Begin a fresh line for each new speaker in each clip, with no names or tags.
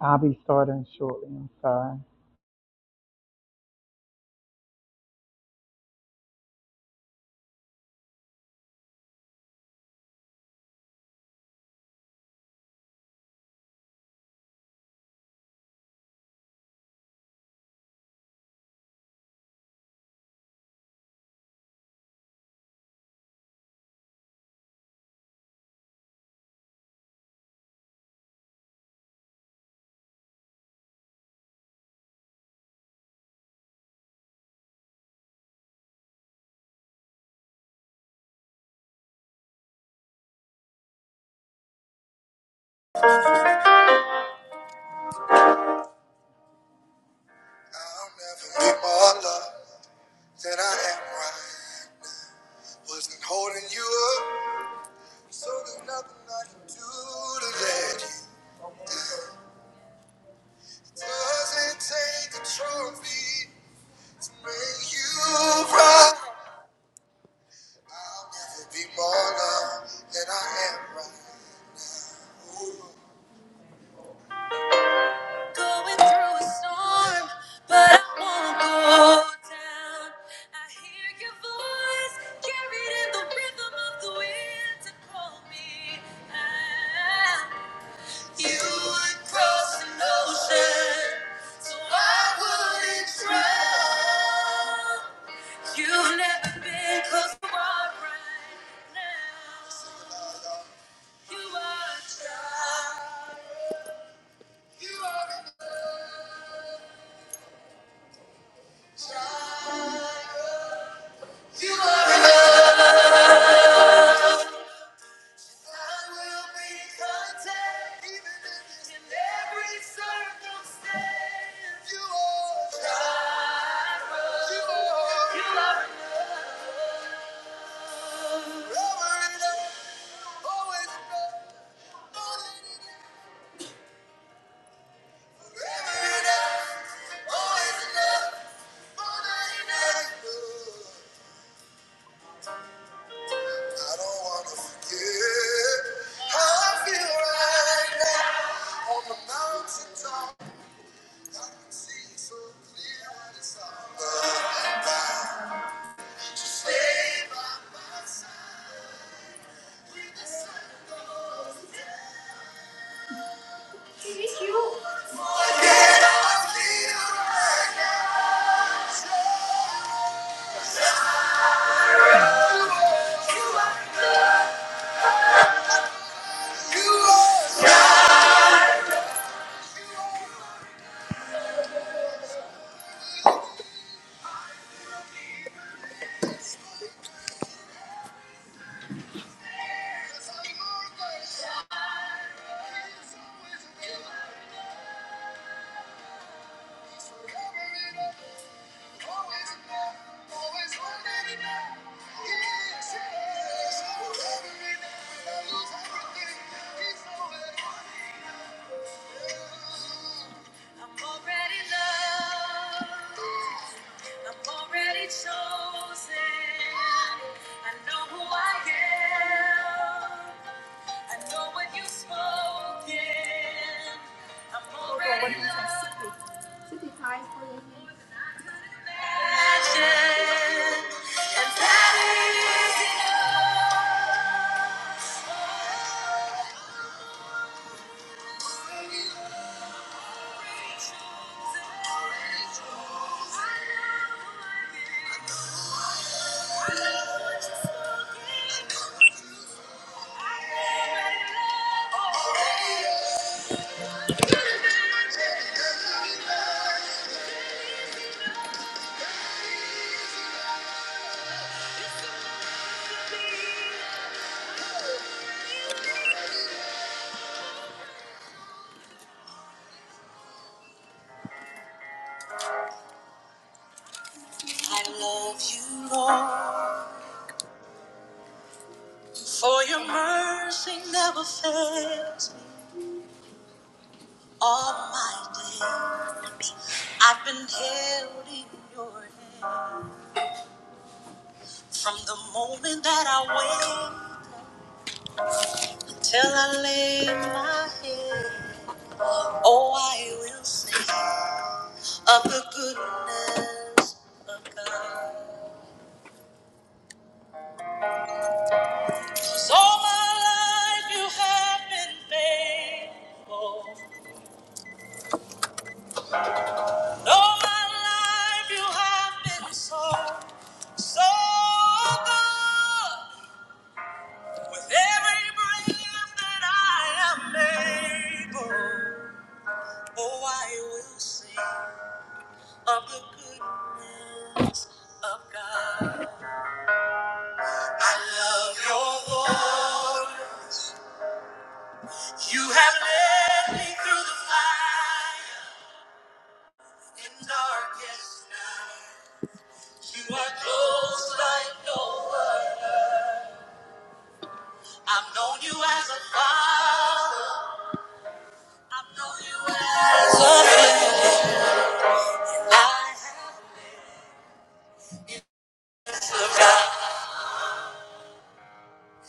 I'll be starting shortly. I'm sorry. I'll never be more loved than I am right. Wasn't holding you up, so there's nothing I can do to let you. It Doesn't take a trophy to make you proud. I'll never be more loved than I am right. now. Ooh. Going through a storm, but I won't go down. I hear your voice carried in the rhythm of the wind to call me out. You would cross an ocean, so I wouldn't drown. You've never been close to our right now. You are a child. You are a child. You are enough. I will be content, even in every circumstance. You are God. You are. You are forever enough, always enough, more enough. Forever enough, always enough, more than enough. I don't wanna forget how I feel right now on the mountaintop. Yeah. I'm already loved. I'm already chosen. I know who I am. I know what you've spoken. I'm already loved. I love you, Lord, for your mercy never fails me all my day. I've been held in your hand. From the moment that I wake till I lay my head, oh, I will sing of the goodness of God. 'Cause all my life you have been faithful. And all my life you have been so, so good. With every breath that I am able, oh, I will sing of the goodness. of God. I love your voice. You have led me through the fire and darkest night. You are close like no other. I've known you as a father. I've known you as a friend. I have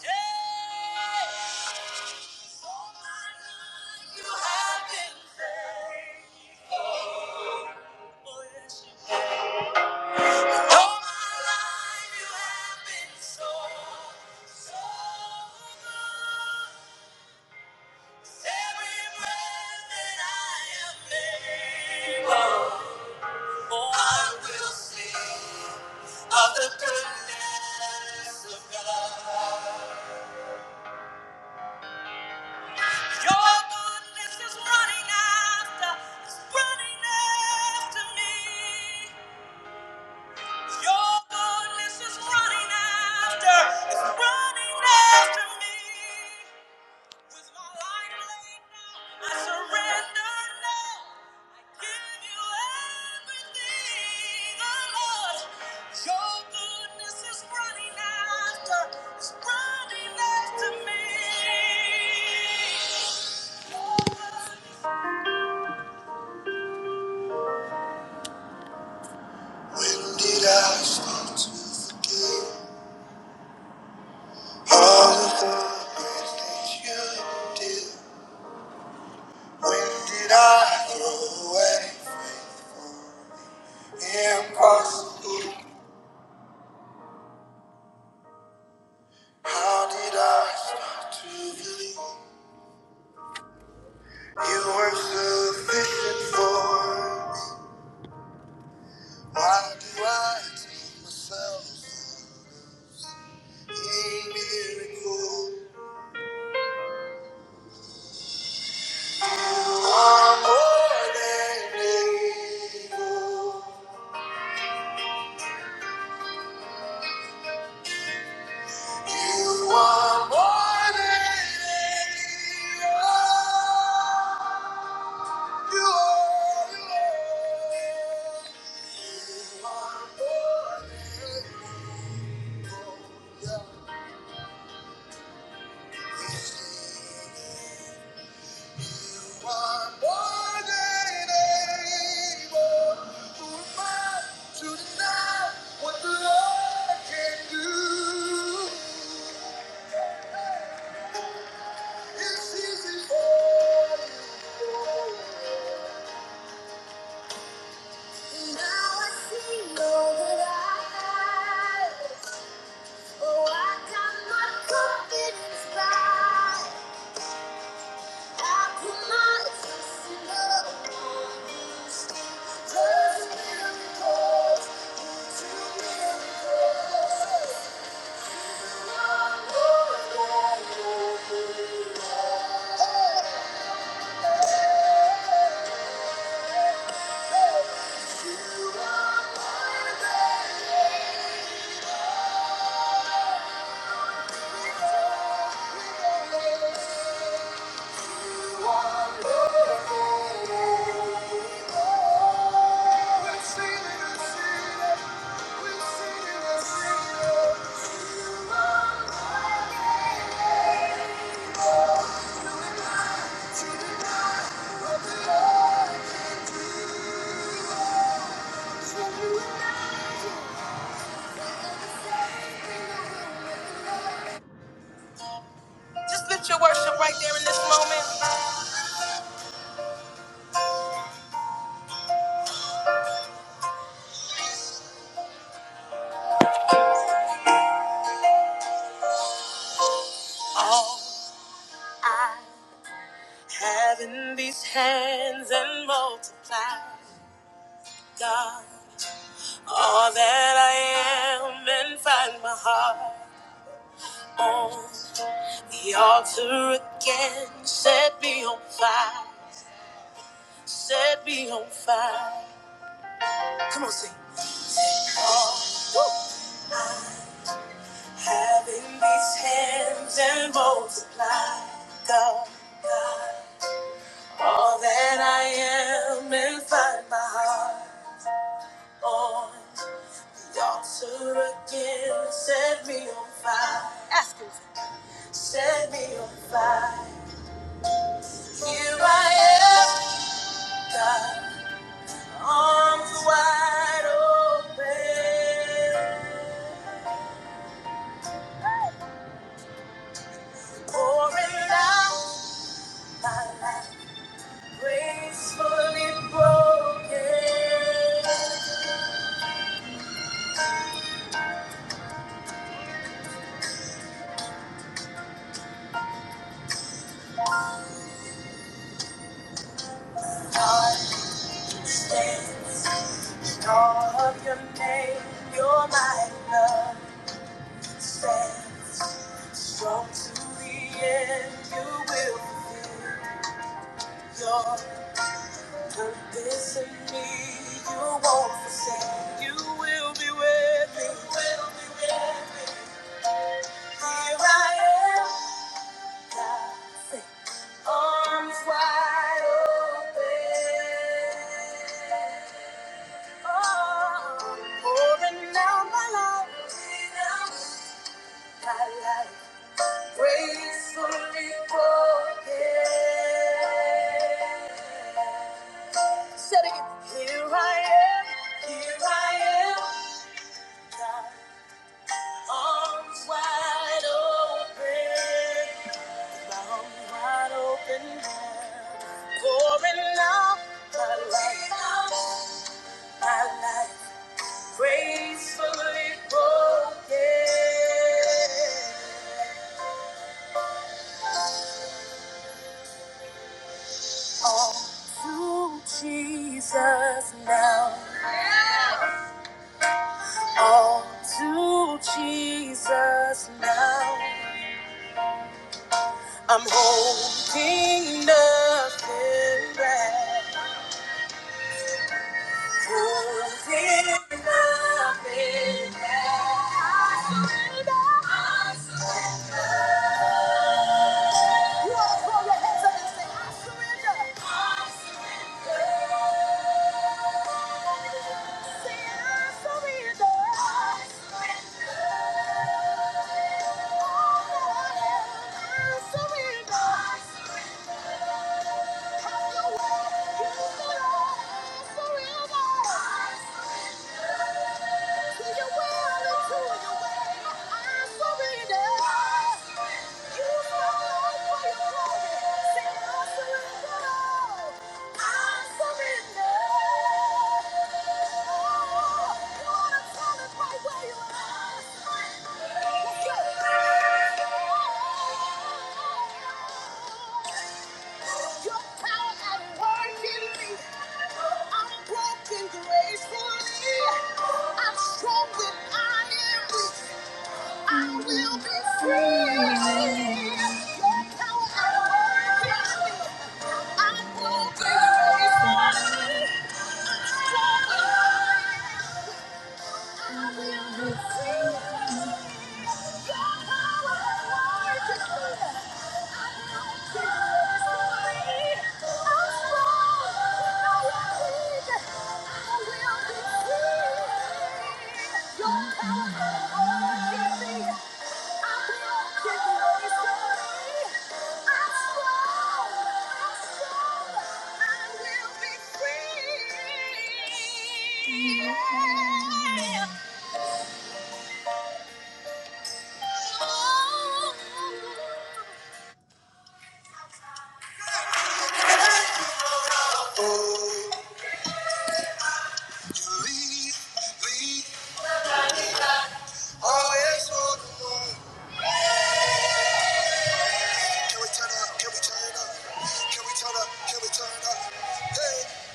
yeah. All my life you have been faithful. All my life you have been so, so good. Every breath that I am able, I will sing of the goodness of God. Your goodness is running after, it's running after me. Your goodness is running after, it's running after me. With my life laid down, I surrender now. I give you everything, oh Lord. Your goodness is running after, is running after me. When did I start to forget all of the good things you did? When did I throw away? faithful, Impossible How did I start to believe you were sufficient for me? Why do I tell myself a miracle are more than able? You are more than able. You are, you are, you are more than able. Yeah. You are more than able. Who am I to deny what the can do? It's easy for me. Now I see all that I have. Oh, I got my confidence back. You are more than enough. All I have in these hands and multiply, God. All that I am and find my heart on the altar again. Set me on fire, set me on fire. Come on, sing. All Having these hands and multiply, God, God, all that I am and find my heart on the altar again. Set me on fire, set me on fire. Here I am, God, arms wide open, pouring out my life. Gracefully broken, God stands in all of your name. Your mighty love stands strong to the end. You will fulfill your purpose in me. You won't forsake. You will be with me. You will be with me. Here I am, God. Arms wide open. Oh, pouring out my life. Pouring out My life gracefully broken. Said again. Here I am. Here I am. God, Arms wide open. Arms wide open. now. Pouring out my life. my life gracefully broken. All to Jesus now. All to Jesus now. I'm holding nothing back. Holding nothing back. You all throw your hands up and say, I surrender. I surrender. Say, I surrender. I surrender. I surrender. Thank you. I will be free. Yeah. Oh, you lead, lead, Always on. Can Can Can Can we we we we turn turn turn turn up? up? up? up? Hey,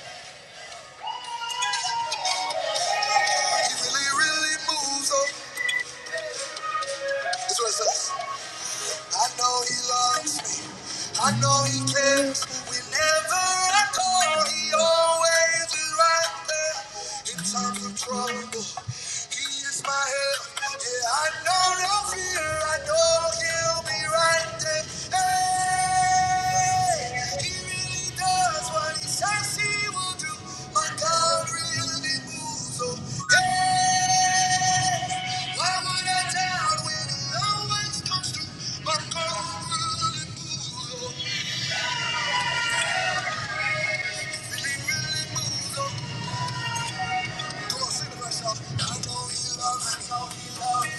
he he really, really moves. on. that's what it says. I know he loves me. I know he cares whenever I call. He always is right there in times of trouble. He my help. Yeah, I know no fear. I know he'll be right there. Hey, he really does what he says he will do. My God really moves. Oh, hey, why would I doubt when he always comes through? My God really moves. Oh, come on, sing it myself. I know he'll always come.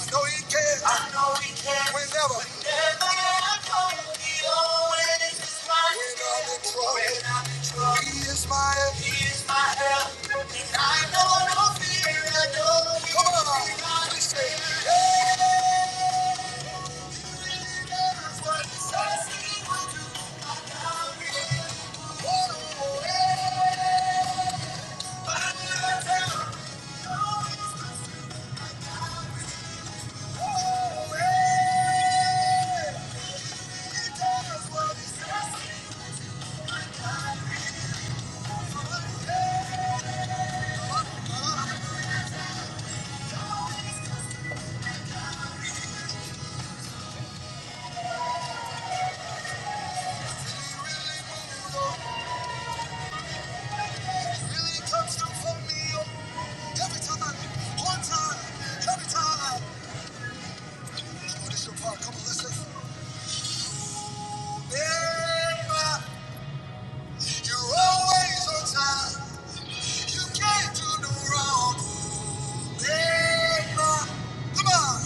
I know he can. I know he can. Whenever. Whenever I go, he always is my, When I'm in trouble. When I'm in trouble. He is my help. He is my help. And I know no fear. I know he Come on. will be my Please say. defender. Yeah. For he says he will carry me. Oh, yeah. I will tell him, oh, yeah. He does what he says. he would. really oh, you're always on time. You can't do no wrong. Remember, come on.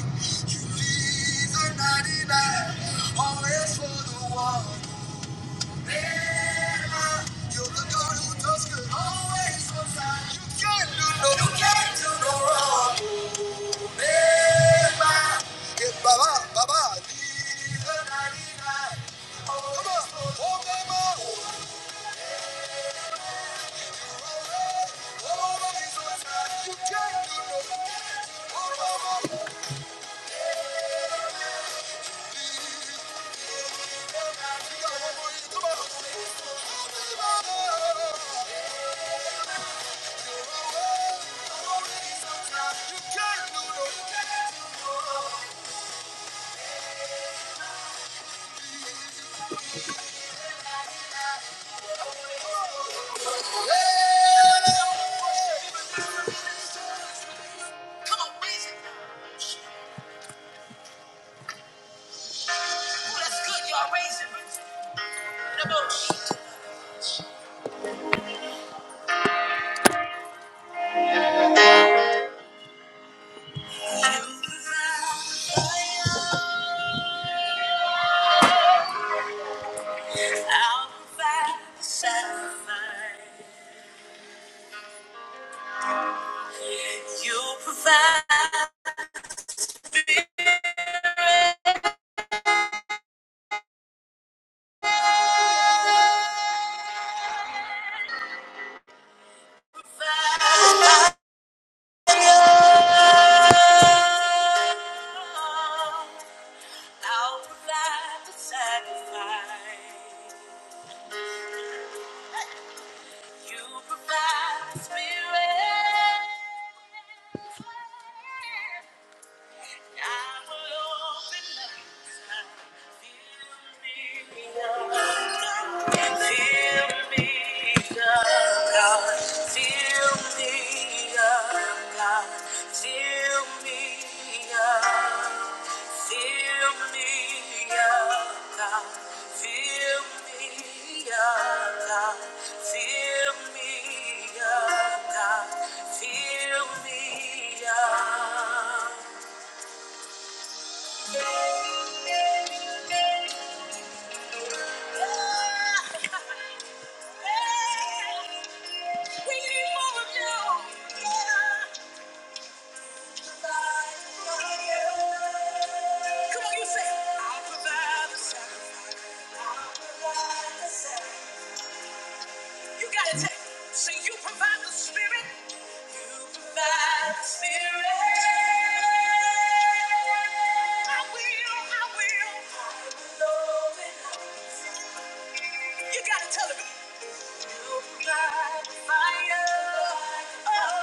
You leave the 99, always for the one. Remember, you're the God who does good, always on time. no, you can't do no wrong. I'll provide the sacrifice. You provide. I'll provide the sacrifice. You provide the spirit. I will open up. Fill me up, God. Fill me up, God. Fill me up. Fill me up, God. Fill me up, God. Fill me up, God. Fill me up. You gotta take. So you provide the spirit. By the spirit. I will. I will. I will open up. You gotta tell them. You provide the fire. Oh.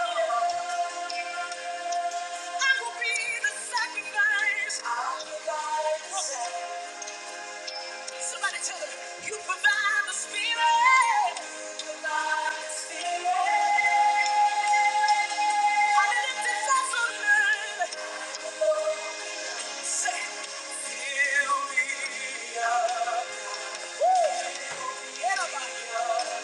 I will be the sacrifice. I will be the sacrifice. Somebody tell them, you provide the spirit. You provide the spirit. I lift this vessel, Lord. Say, fill me up. Woo. Fill me up.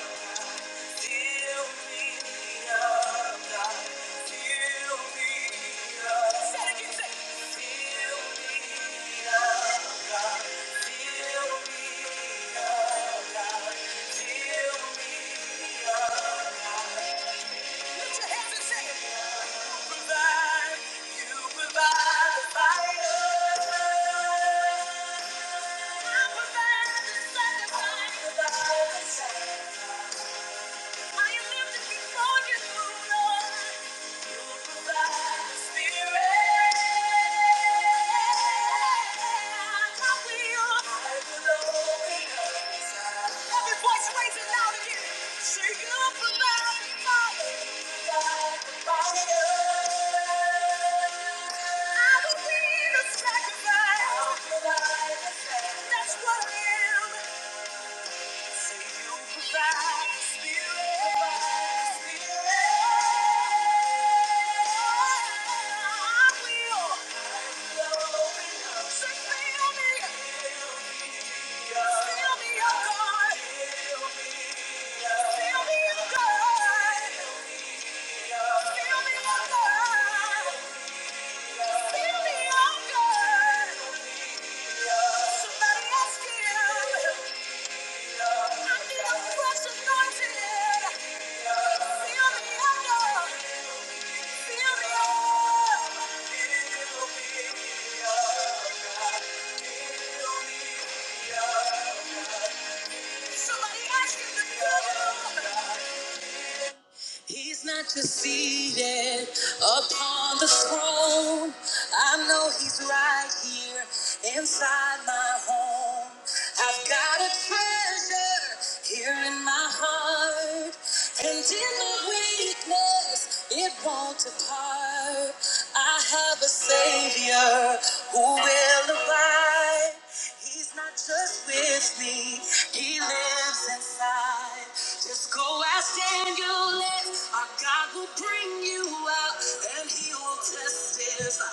That's what I am. Feel me, oh God. He's not just seated upon the throne. I know he's right here inside my home. I've got a treasure here in my heart, and in my weakness, it won't depart. I have a savior who will abide. He's not just with me, he lives inside. Just go ask Daniel if our God will bring you out and he will testify.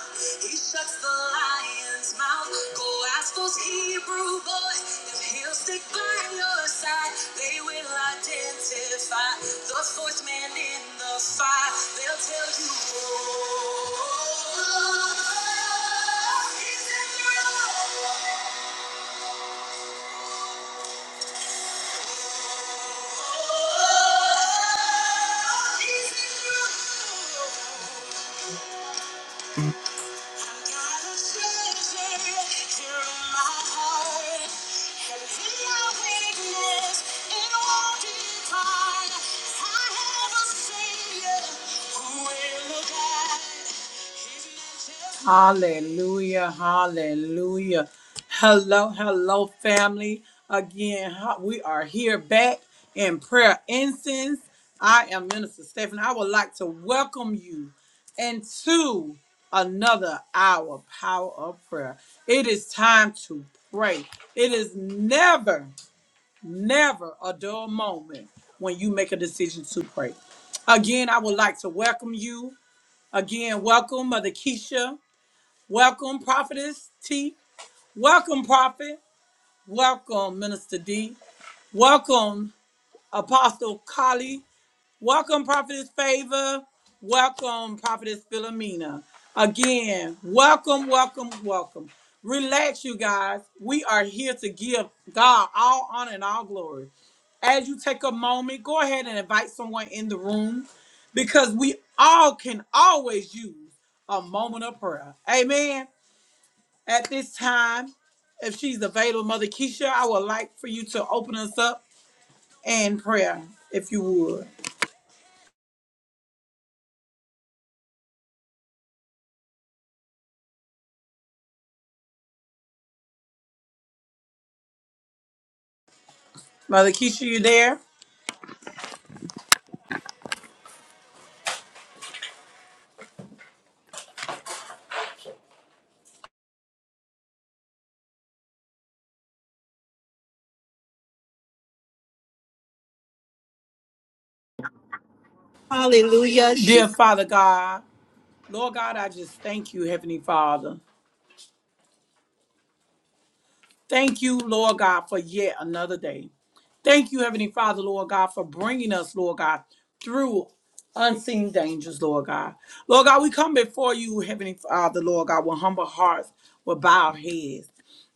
He shuts the lion's mouth. Go ask those Hebrew boys if he'll stick by your side. They will identify the fourth man in the fire. They'll tell you, oh, he's in the room. I have a Savior. Hallelujah, hallelujah. Hello, hello, family. Again, ho- we are here back in prayer incense. I am Minister Stephanie. I would like to welcome you into another hour of power of prayer. It is time to pray. It is never, never a dull moment when you make a decision to pray. Again, I would like to welcome you. Again, welcome, Mother Keisha. Welcome, Prophetess T. Welcome, Prophet. Welcome, Minister D. Welcome, Apostle Kali. Welcome, Prophetess Favor. Welcome, Prophetess Philomena. Again, welcome, welcome, welcome. Relax, you guys. We are here to give God all honor and all glory. As you take a moment, go ahead and invite someone in the room because we all can always use a moment of prayer. Amen. At this time, if she's available, Mother Keisha, I would like for you to open us up in prayer, if you would. Mother Keisha, you there?
Hallelujah. She
Dear Father God, Lord God, I just thank you, Heavenly Father. Thank you, Lord God, for yet another day. Thank you, Heavenly Father, Lord God, for bringing us, Lord God, through unseen dangers, Lord God. Lord God, we come before you, Heavenly Father, Lord God, with humble hearts, with bowed heads.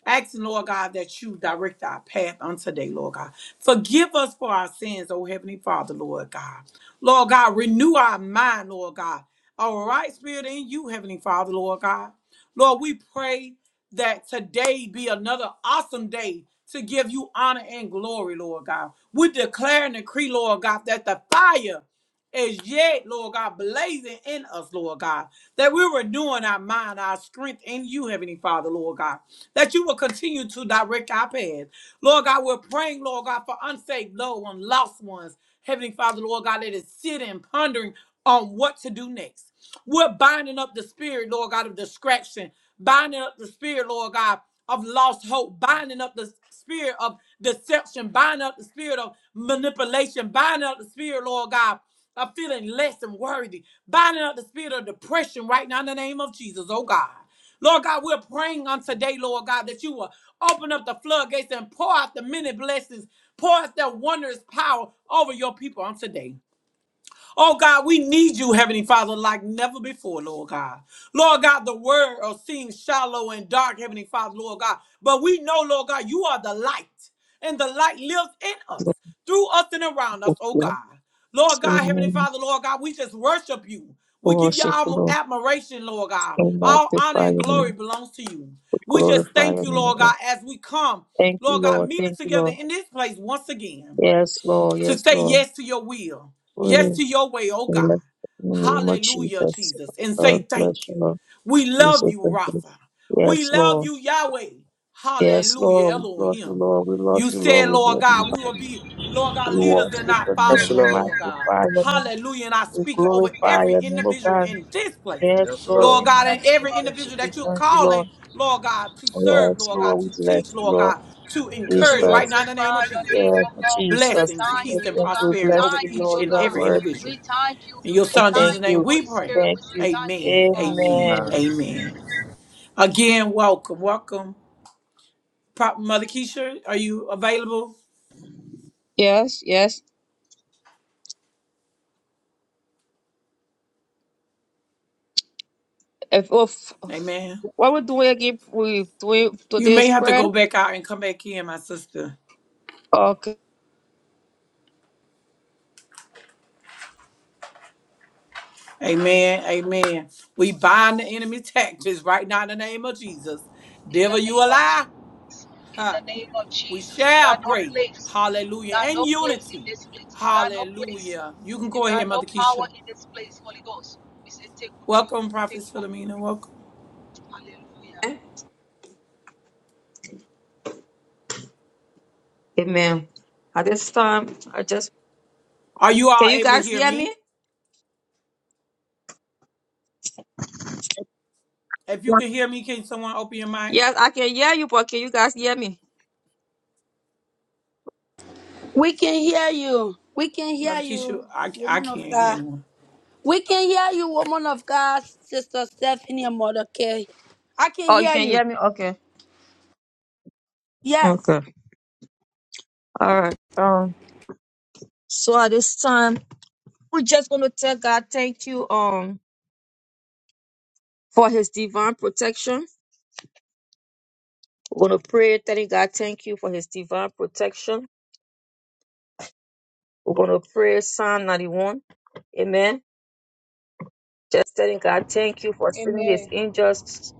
Asking, Lord God, that you direct our path on today, Lord God. Forgive us for our sins, oh Heavenly Father, Lord God. Lord God, renew our mind, Lord God. All right, Spirit in you, Heavenly Father, Lord God. Lord, we pray that today be another awesome day to give you honor and glory, Lord God. We declare and decree, Lord God, that the fire is yet, Lord God, blazing in us, Lord God, that we're renewing our mind, our strength in you, Heavenly Father, Lord God, that you will continue to direct our path. Lord God, we're praying, Lord God, for unsaved loved ones, lost ones, Heavenly Father, Lord God, let us sit and pondering on what to do next. We're binding up the spirit, Lord God, of distraction, binding up the spirit, Lord God, of lost hope, binding up the spirit of deception, binding up the spirit of manipulation, binding up the spirit, Lord God. Of feeling less than worthy, binding up the spirit of depression right now in the name of Jesus, oh God. Lord God, we're praying on today, Lord God, that you will open up the floodgates and pour out the many blessings, pour out the wonders over your people. Oh God, we need you, Heavenly Father, like never before, Lord God. Lord God, the world seems shallow and dark, Heavenly Father, Lord God. But we know, Lord God, you are the light, and the light lives in us,
Lord,
through us, and around
we
us, oh
bless
God. Lord
your
God, Heavenly
name.
Father, Lord God, we just worship you.
We
We give you
Worship, you,
our
Lord.
admiration, Lord God.
We
All honor
magnify
and
your
glory
name.
belongs to you.
We
We just
glorify
thank
your
you,
name,
Lord
God.
God, as we come,
Thank you,
Lord God,
Lord.
meet us
Thank you,
together
Lord.
in this place once again
Yes, Lord.
to
Yes,
say
Lord.
yes to your will, yes
Oh,
to your way, oh
Yes,
God.
in the name of
Hallelujah,
Jesus.
Jesus, and say
God bless
thank
you,
you.
Lord.
We
We
love
say
you,
thank you.
Rapha. We
Yes,
love
Lord.
you, Yahweh.
Yes,
Hallelujah,
Lord. We love you,
Elohim.
Lord. We love
You
you, Lord.
said,
We
Lord God, we will
magnify you.
be, Lord
We
God, leaders and
worship
not
your name.
Yes,
followers,
We
oh
Lord.
Lord God.
magnify your name.
Hallelujah. And I
We
speak over
glorify
every
your name, O
individual
God.
in this place,
Yes,
Yes,
Lord. In
Lord
the
Lord.
God,
name
the
of
and
name,
Jesus.
every
of Jesus,
We
individual
say
that you're
thank you, Lord.
calling, Lord God, to
on your
serve, Lord God,
Lord.
to
We bless
teach,
you,
Lord
Lord.
God, to
Each
we
Yes,
encourage right
Lord.
bless.
now in the name
magnify
of
your
Jesus
name,
Yes,
oh God. We say
Jesus.
blessings,
We just
peace,
thank you,
and
We
oh
thank you. We
God.
prosperity
bless
over
you,
Thank you,
each
oh
Lord.
and
You
Yes,
are
God.
every
Lord.
worthy.
We
individual.
thank you.
In your
We
We
son
thank
Jesus'
Thank you,
name
you.
Holy
we
We
pray.
Spirit.
thank
We say
you.
thank you, oh
Amen.
God.
Amen.
Amen.
Amen.
Amen. Again, welcome. Welcome. Prop Mother Keisha, are you available?
Yes, yes. If, if
Amen.
what we're doing again, we doing
You may
today's
have to
prayer.
go back out and come back in, my sister.
Okay.
Amen. Amen. We bind the enemy tactics right now in the name of Jesus.
In the
Devil, you
name
a
of
lie.
Jesus. In the
Huh.
name of
We
Jesus. You
shall
got no
pray.
place. You
Hallelujah.
got
and
no place in
unity.
this place. You got no place.
Hallelujah. You can
You
go ahead,
got no
Mother
power
Keisha.
in this place, Holy Ghost. We say take control.
Welcome,
Take
Prophet
control.
Philomena. Welcome.
Hallelujah.
Amen. At this time, I just
Are you all
can you
able to
guys
hear
hear me?
me? If you
Yeah.
can hear me, can someone open your mic?
Yes, I can hear you, but can you guys hear me?
We can hear you. We can hear
Mother Keisha,
you,
I, I
woman of
can't hear
God.
anyone.
We can hear you, woman of God, Sister Stephanie and Mother K. I can
Oh, you
hear
can
you.
hear me? Okay.
Yes.
Okay. All right. Um. So at this time. We're just gonna tell God thank you um for his divine protection. We're gonna pray telling God thank you for his divine protection. We're gonna pray Psalm 91. Amen. Just telling God thank you for sending his angels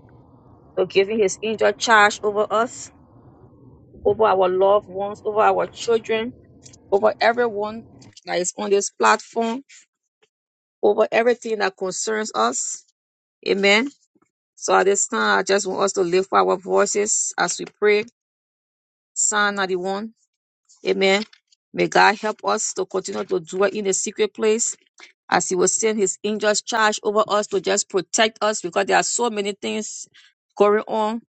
for giving his angel charge over us, over our loved ones, over our children, over everyone that is on this platform, over everything that concerns us. Amen. So at this time, I just want us to lift our voices as we pray. Psalm 91. Amen. May God help us to continue to dwell in the secret place as He will send His angels charge over us to just protect us because there are so many things going on.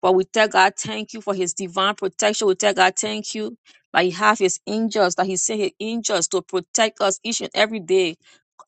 But we tell God thank you for his divine protection. We tell God thank you that he have his angels, that he sent his angels to protect us each and every day.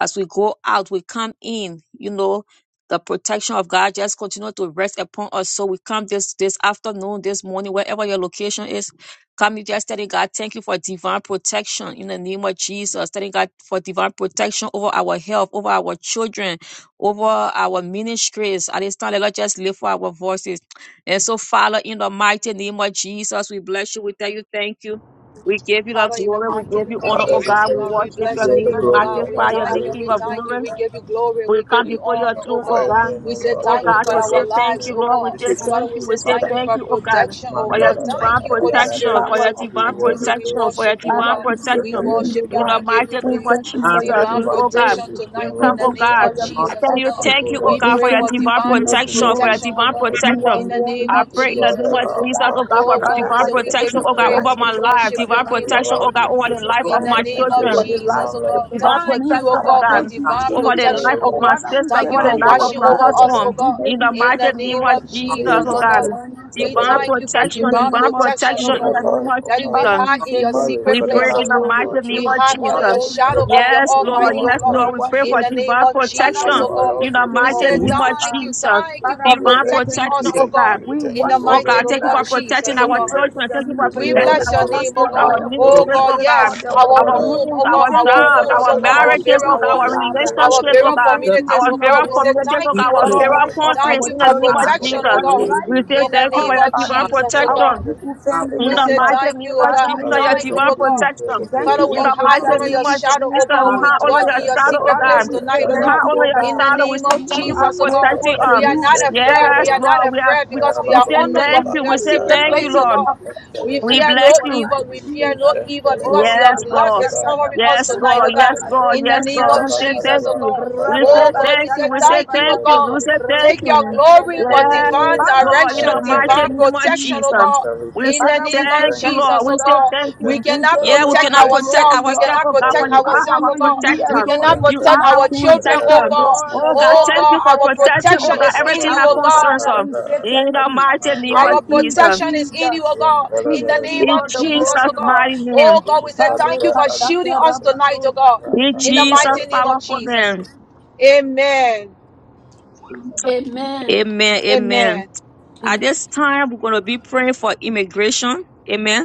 As we go out, we come in, you know, the protection of God just continue to rest upon us. So we come this this afternoon, this morning, wherever your location is. Come you just telling God, thank you for divine protection in the name of Jesus. Telling God for divine protection over our health, over our children, over our ministries. At this time, let us just lift for our voices. And so, Father, in the mighty name of Jesus, we bless you. We tell you thank you. We give you the
Father, in the
glory. We
mighty
give you
name of
honor,
Father,
oh
we
Jesus, oh
God. We
thank
God, we
you.
worship
Give
bless
your
you
your
all
name.
the
We
name, oh
glory,
God. We
honor,
magnify
and
your
thank
name,
you, we
King of
adoration.
thank you,
glory.
we give you glory,
We
we
come
give you
before your
And
honor, oh
throne, oh
Magnify
God.
your
God.
name,
We
O
say
Lord.
Oh
thank you
God,
We
for
to say
our
exalt your
thank
lives,
you,
name
oh
Lord. We
God.
say
this moment,
Father,
thank
we
you.
this
We
say
say
thank you
thank
for
you, oh God,
afternoon.
protection,
Man,
oh
for
da,
your
God.
da, da,
divine
Thank
da,
you,
da,
Holy
by
da,
the
protection,
da, da.
Spirit. We
for
say
power
your
We
we
of the
divine
did,
give you
we
all
Holy
the
say we
protection,
Spirit.
glory
for
worship
your
you, oh
divine
Father,
God.
we say
We
for
protection.
thank
your
you,
worship
Lord
you,
In
God.
the
we
divine
give
mighty
you
We
name
protection,
of
thank
praise.
you for
for
your
your
Jesus,
Divine
we,
divine
oh God,
protection
preservation.
preservation,
we
O
tonight
We
in
come,
Lord.
the
We
oh
thank you
name
God.
for
of
thank
your
you,
I
Jesus,
tell
oh
you,
God.
protection.
O
thank you, oh
We
Lord
God,
We
for
pray
your
for
thank you,
Jesus,
divine
divine
King
for your
of
protection, for your
Glory.
protection,
preservation,
oh
divine
O
God.
Lord
You are
Jesus.
In
protection.
the name
I
worthy
of
to
pray in
You
be
the
are
name
Jesus,
the
oh
of
praised, O
God.
Jesus, oh
Alpha
God,
God.
and
for
Oh
the
God,
Father,
we
divine
Omega,
I
say
the
we
say
give
protection,
thank
you
beginning
oh
and
God,
you. I
the
praise.
over
end.
We
my
say thank you
life,
worship
for the
your
divine
O
life
name, oh
of
protection,
my
God
oh
Lord
God, over
children.
Jesus,
the
I
life
I
of
in
come
the
my
say
and we
name
thank
say
of
you
children
for
there
the
is
life
Jesus, oh
none like
God.
you.
divine
of
Thank
me,
you, oh
protection,
There
oh
Father.
is
God, for
God,
none
Thank
to
you,
be
divine
like
over the
you.
Jesus.
O
protection,
life
oh
of
Lord
my
God.
Father,
sisters,
we
Jesus,
Thank
say
you
over the
for
thank
Mando
life
you,
of
watching
Lord
my
over
God.
us,
Sikabada.
oh
husband.
We
God.
In
give
the
you all
In
mighty
the
the
name
name
glory.
of
of
We give
Hey,
Jesus,
you
Hallelujah.
Jesus,
oh
oh
all the
God.
Mando
God.
honor.
We
Divine
thank you
Sikabada.
for
In
protection,
the
divine
divine
name of
protection, oh
protection
For
in
the
Jesus.
the
God.
name of
life of
Daddy, we
our
Father,
Jesus.
we
hide in
say
your
thank
marriage,
you,
secret
We
for the
King
pray
place,
of
oh
in
life
the
God.
of
glory.
our
mighty name
We
of
children, for
hide
We
the
under your
life
Jesus.
adore you,
of our,
O
shadow of
God.
your
We
Yes, Lord,
Almighty,
honor
oh
our
yes,
you.
God.
We
Lord, we
health,
pray
in
In
for
the
worship
the
name
you.
name
of
divine
of
Jesus.
Father,
Jesus,
we
protection
oh
For our
say
God.
in
thank
health, O
the
you
We
Lord, we
for
mighty
say
Lord, we
say
who
name
thank
just
you
you.
of
thank you,
are.
Jesus.
thank you for
Father,
We
we
Divine
say
thank
protecting
you,
thank
we
protection,
us,
you.
lift
oh
oh
thank you,
God.
God.
we
We
thank
In the
you, O
Oh
worship
mighty
Lord
God,
you, O
thank
name
you
of
God.
for
Jesus. We
protecting
Jesus, oh
We
thank
our
you.
God.
praise
children. Thank
your
you
We
for
name,
give
We
you all
protecting
Jesus.
the
bless your
our
name,
glory,
oh
husbands,
Take all
honor,
our
God.
and
the
you
Oh
up
glory.
ministries,
adoration.
God,
oh
Take
God,
Ah,
all
yes,
the
ba, ba,
our
ba,
our
honor.
ba,
home,
ba.
homes,
oh
We
God,
our
thank
our
you
Ra, ba,
for
jobs,
your
ra,
homes,
ba,
our
oh
ra,
God,
ba.
our
protection,
marriages, oh
burial
our
God, our
homes,
Yeah, ba,
Father.
ra, ba,
our
ra,
relationships,
ba,
oh
We
burial
ba.
God,
thank
ourselves.
you,
communities,
our
oh
King of
God.
various
We say
to,
glory,
communities,
thank
oh
We
si,
know
God,
you, oh
ka,
our
for
that you
ba,
the
ra,
God.
ba,
various
life
ra.
of
countries
Thank
do
our
you
in the
for
not
name
children,
of
lie.
protection,
Father, we
oh
Jesus.
for the
God.
thank
Hallelujah.
you.
We
life
say
of
In the
thank you for
name
us,
your
of
divine
Father,
Hallelujah.
Jesus, oh
Father,
protection.
our
God.
Google
God,
family
In
we
We
for
the
thank
say
you.
member.
mighty
thank
name
you, oh
of
Father,
God.
Jesus,
we
Father, we thank you. Father, we
your
say
Thank
thank
you,
divine
oh
thank
you. We
God.
you.
give you all the
protection.
Thank
Father,
you
glory,
In
for
we
honor,
the
high
and
all
mighty
honor
protecting
your
name
adoration.
of
each and
shadow,
Jesus,
oh
we
every
God.
our
one
life.
We
have
of
Mando
dwell
honor
us.
Lord,
your
in your
Santa
shadow, oh
secret
Father,
place
God.
we
for
say
tonight,
We
oh
thank
Rababa
God.
have
you,
honor
oh
your
In
God.
the
shadow. We
name
say
of
We
all our Lord. Hallelujah. We
thank
we
call
you
it
for
are
Jesus, oh God.
Mandia
grateful
protecting
to
We
us.
Pando
are
you.
not
Santa
afraid.
Father,
Yes,
We
all
we
are
of
not
Lord,
thank
we have.
you,
afraid
oh
We,
because
God,
we
we
for
are
Rababa
the
say
under
gift
your,
thank
of
you.
this.
your
We
life.
say
Pupatra
secret
thank you,
Thank
place,
you
oh
Andi
for
Lord.
your
God. We
Santalada
We
faithfulness
fear
in
bless
no
our
you.
life,
evil. We
Mandigo
fear no
Jesus.
evil
Santalada
because
Oh,
your
Yes,
Rabba
blood
Lord.
is
Puparaba
Shaka
covering
Daba
Andi
us
Yes,
tonight,
Shaka
oh
Lord.
God.
Yes,
Rabba
Santalada
Lord.
Do
In the
Yes,
Shaka
name
Lord.
of
We
Rabba
say
Rabba Do.
Jesus,
thank
Naraba
oh
you.
God.
We say
Rabba
Oh
Paparaba
Ba
God, we
thank you.
say
Shaka
We say
thank
Rabba
you, oh
thank you.
Daba.
We
God.
say thank
Take
Rabba
your
Da
you.
Da Da
glory
Da Da
for
Da.
divine
Yes,
Father, we
Lord. In
direction,
say
the
thank
mighty
divine
name of
protection,
you,
oh
Jesus.
God.
Jesus.
we
We
In
thank
the
say
Father,
you.
name
we
We
say
of
thank
thank
you,
thank
you.
you,
Lord.
Jesus,
We
oh
oh
say
God.
God,
We
thank
we
you.
thank you,
We
cannot
give
Yeah,
you
Father.
we
We
protect
all the
cannot
thank you.
protect
glory,
ourselves. We
Lord.
ourselves,
cannot
oh God,
Father,
protect
but
we
you
We
are
ourselves,
thank
our
oh
honor
you,
you.
God.
We
We
Mando
protector.
adore
cannot
you,
You
Santa,
protect
King
are
of
our
our
Kings.
children, oh
protector.
Rabala
God.
Lord
Oh
of
God,
Oh
Kupanada,
Lord,
thank you
we
God,
for
say
our
thank
protecting,
protection
oh
you.
God,
is
Rababa
in
everything
you,
Our
that
oh God.
concerns
Father,
Kupanada,
us.
we say
In
thank
the
Rabali
you.
mighty
Mando
name of
Our
Thank you,
Jesus.
protection
Yapas,
is in you,
Jesus.
oh God.
We
In the
give
Yantalabala,
you
name
In
of
all
in the
the
name
Jesus,
of
glory,
oh
Jesus'
God.
Lord.
mighty
Jesus,
name.
Oh God, we say thank you
Kupaluga
for
Ali
shielding
Karepashata
us
Santa,
tonight, oh
rabado. Thank
God.
In
In
you,
the
Jesus'
Jesus.
mighty
Rapandalabra,
name of
powerful
Jesus.
name.
Amen.
Amen.
Amen. Amen.
Amen.
At this time, we're going to be praying for immigration. Amen.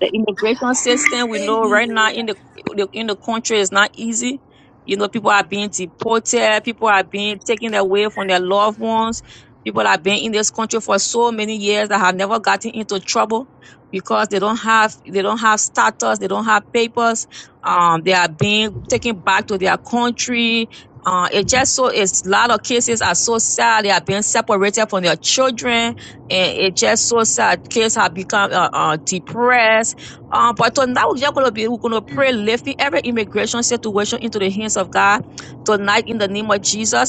the immigration system we know right now in
Hallelujah.
the the- in the country is not easy you know people are being deported people are being taken away from their loved ones people have been in this country for so many years that have never gotten into trouble because they don't have they don't have status they don't have papers um they are being taken back to their country uh, it just so it's a lot of cases are so sad they are being separated from their children and it just so sad kids have become uh, uh, depressed um, but tonight we're just going to be we're going to
Mm.
pray lifting every immigration situation into the hands of God tonight in the name of Jesus.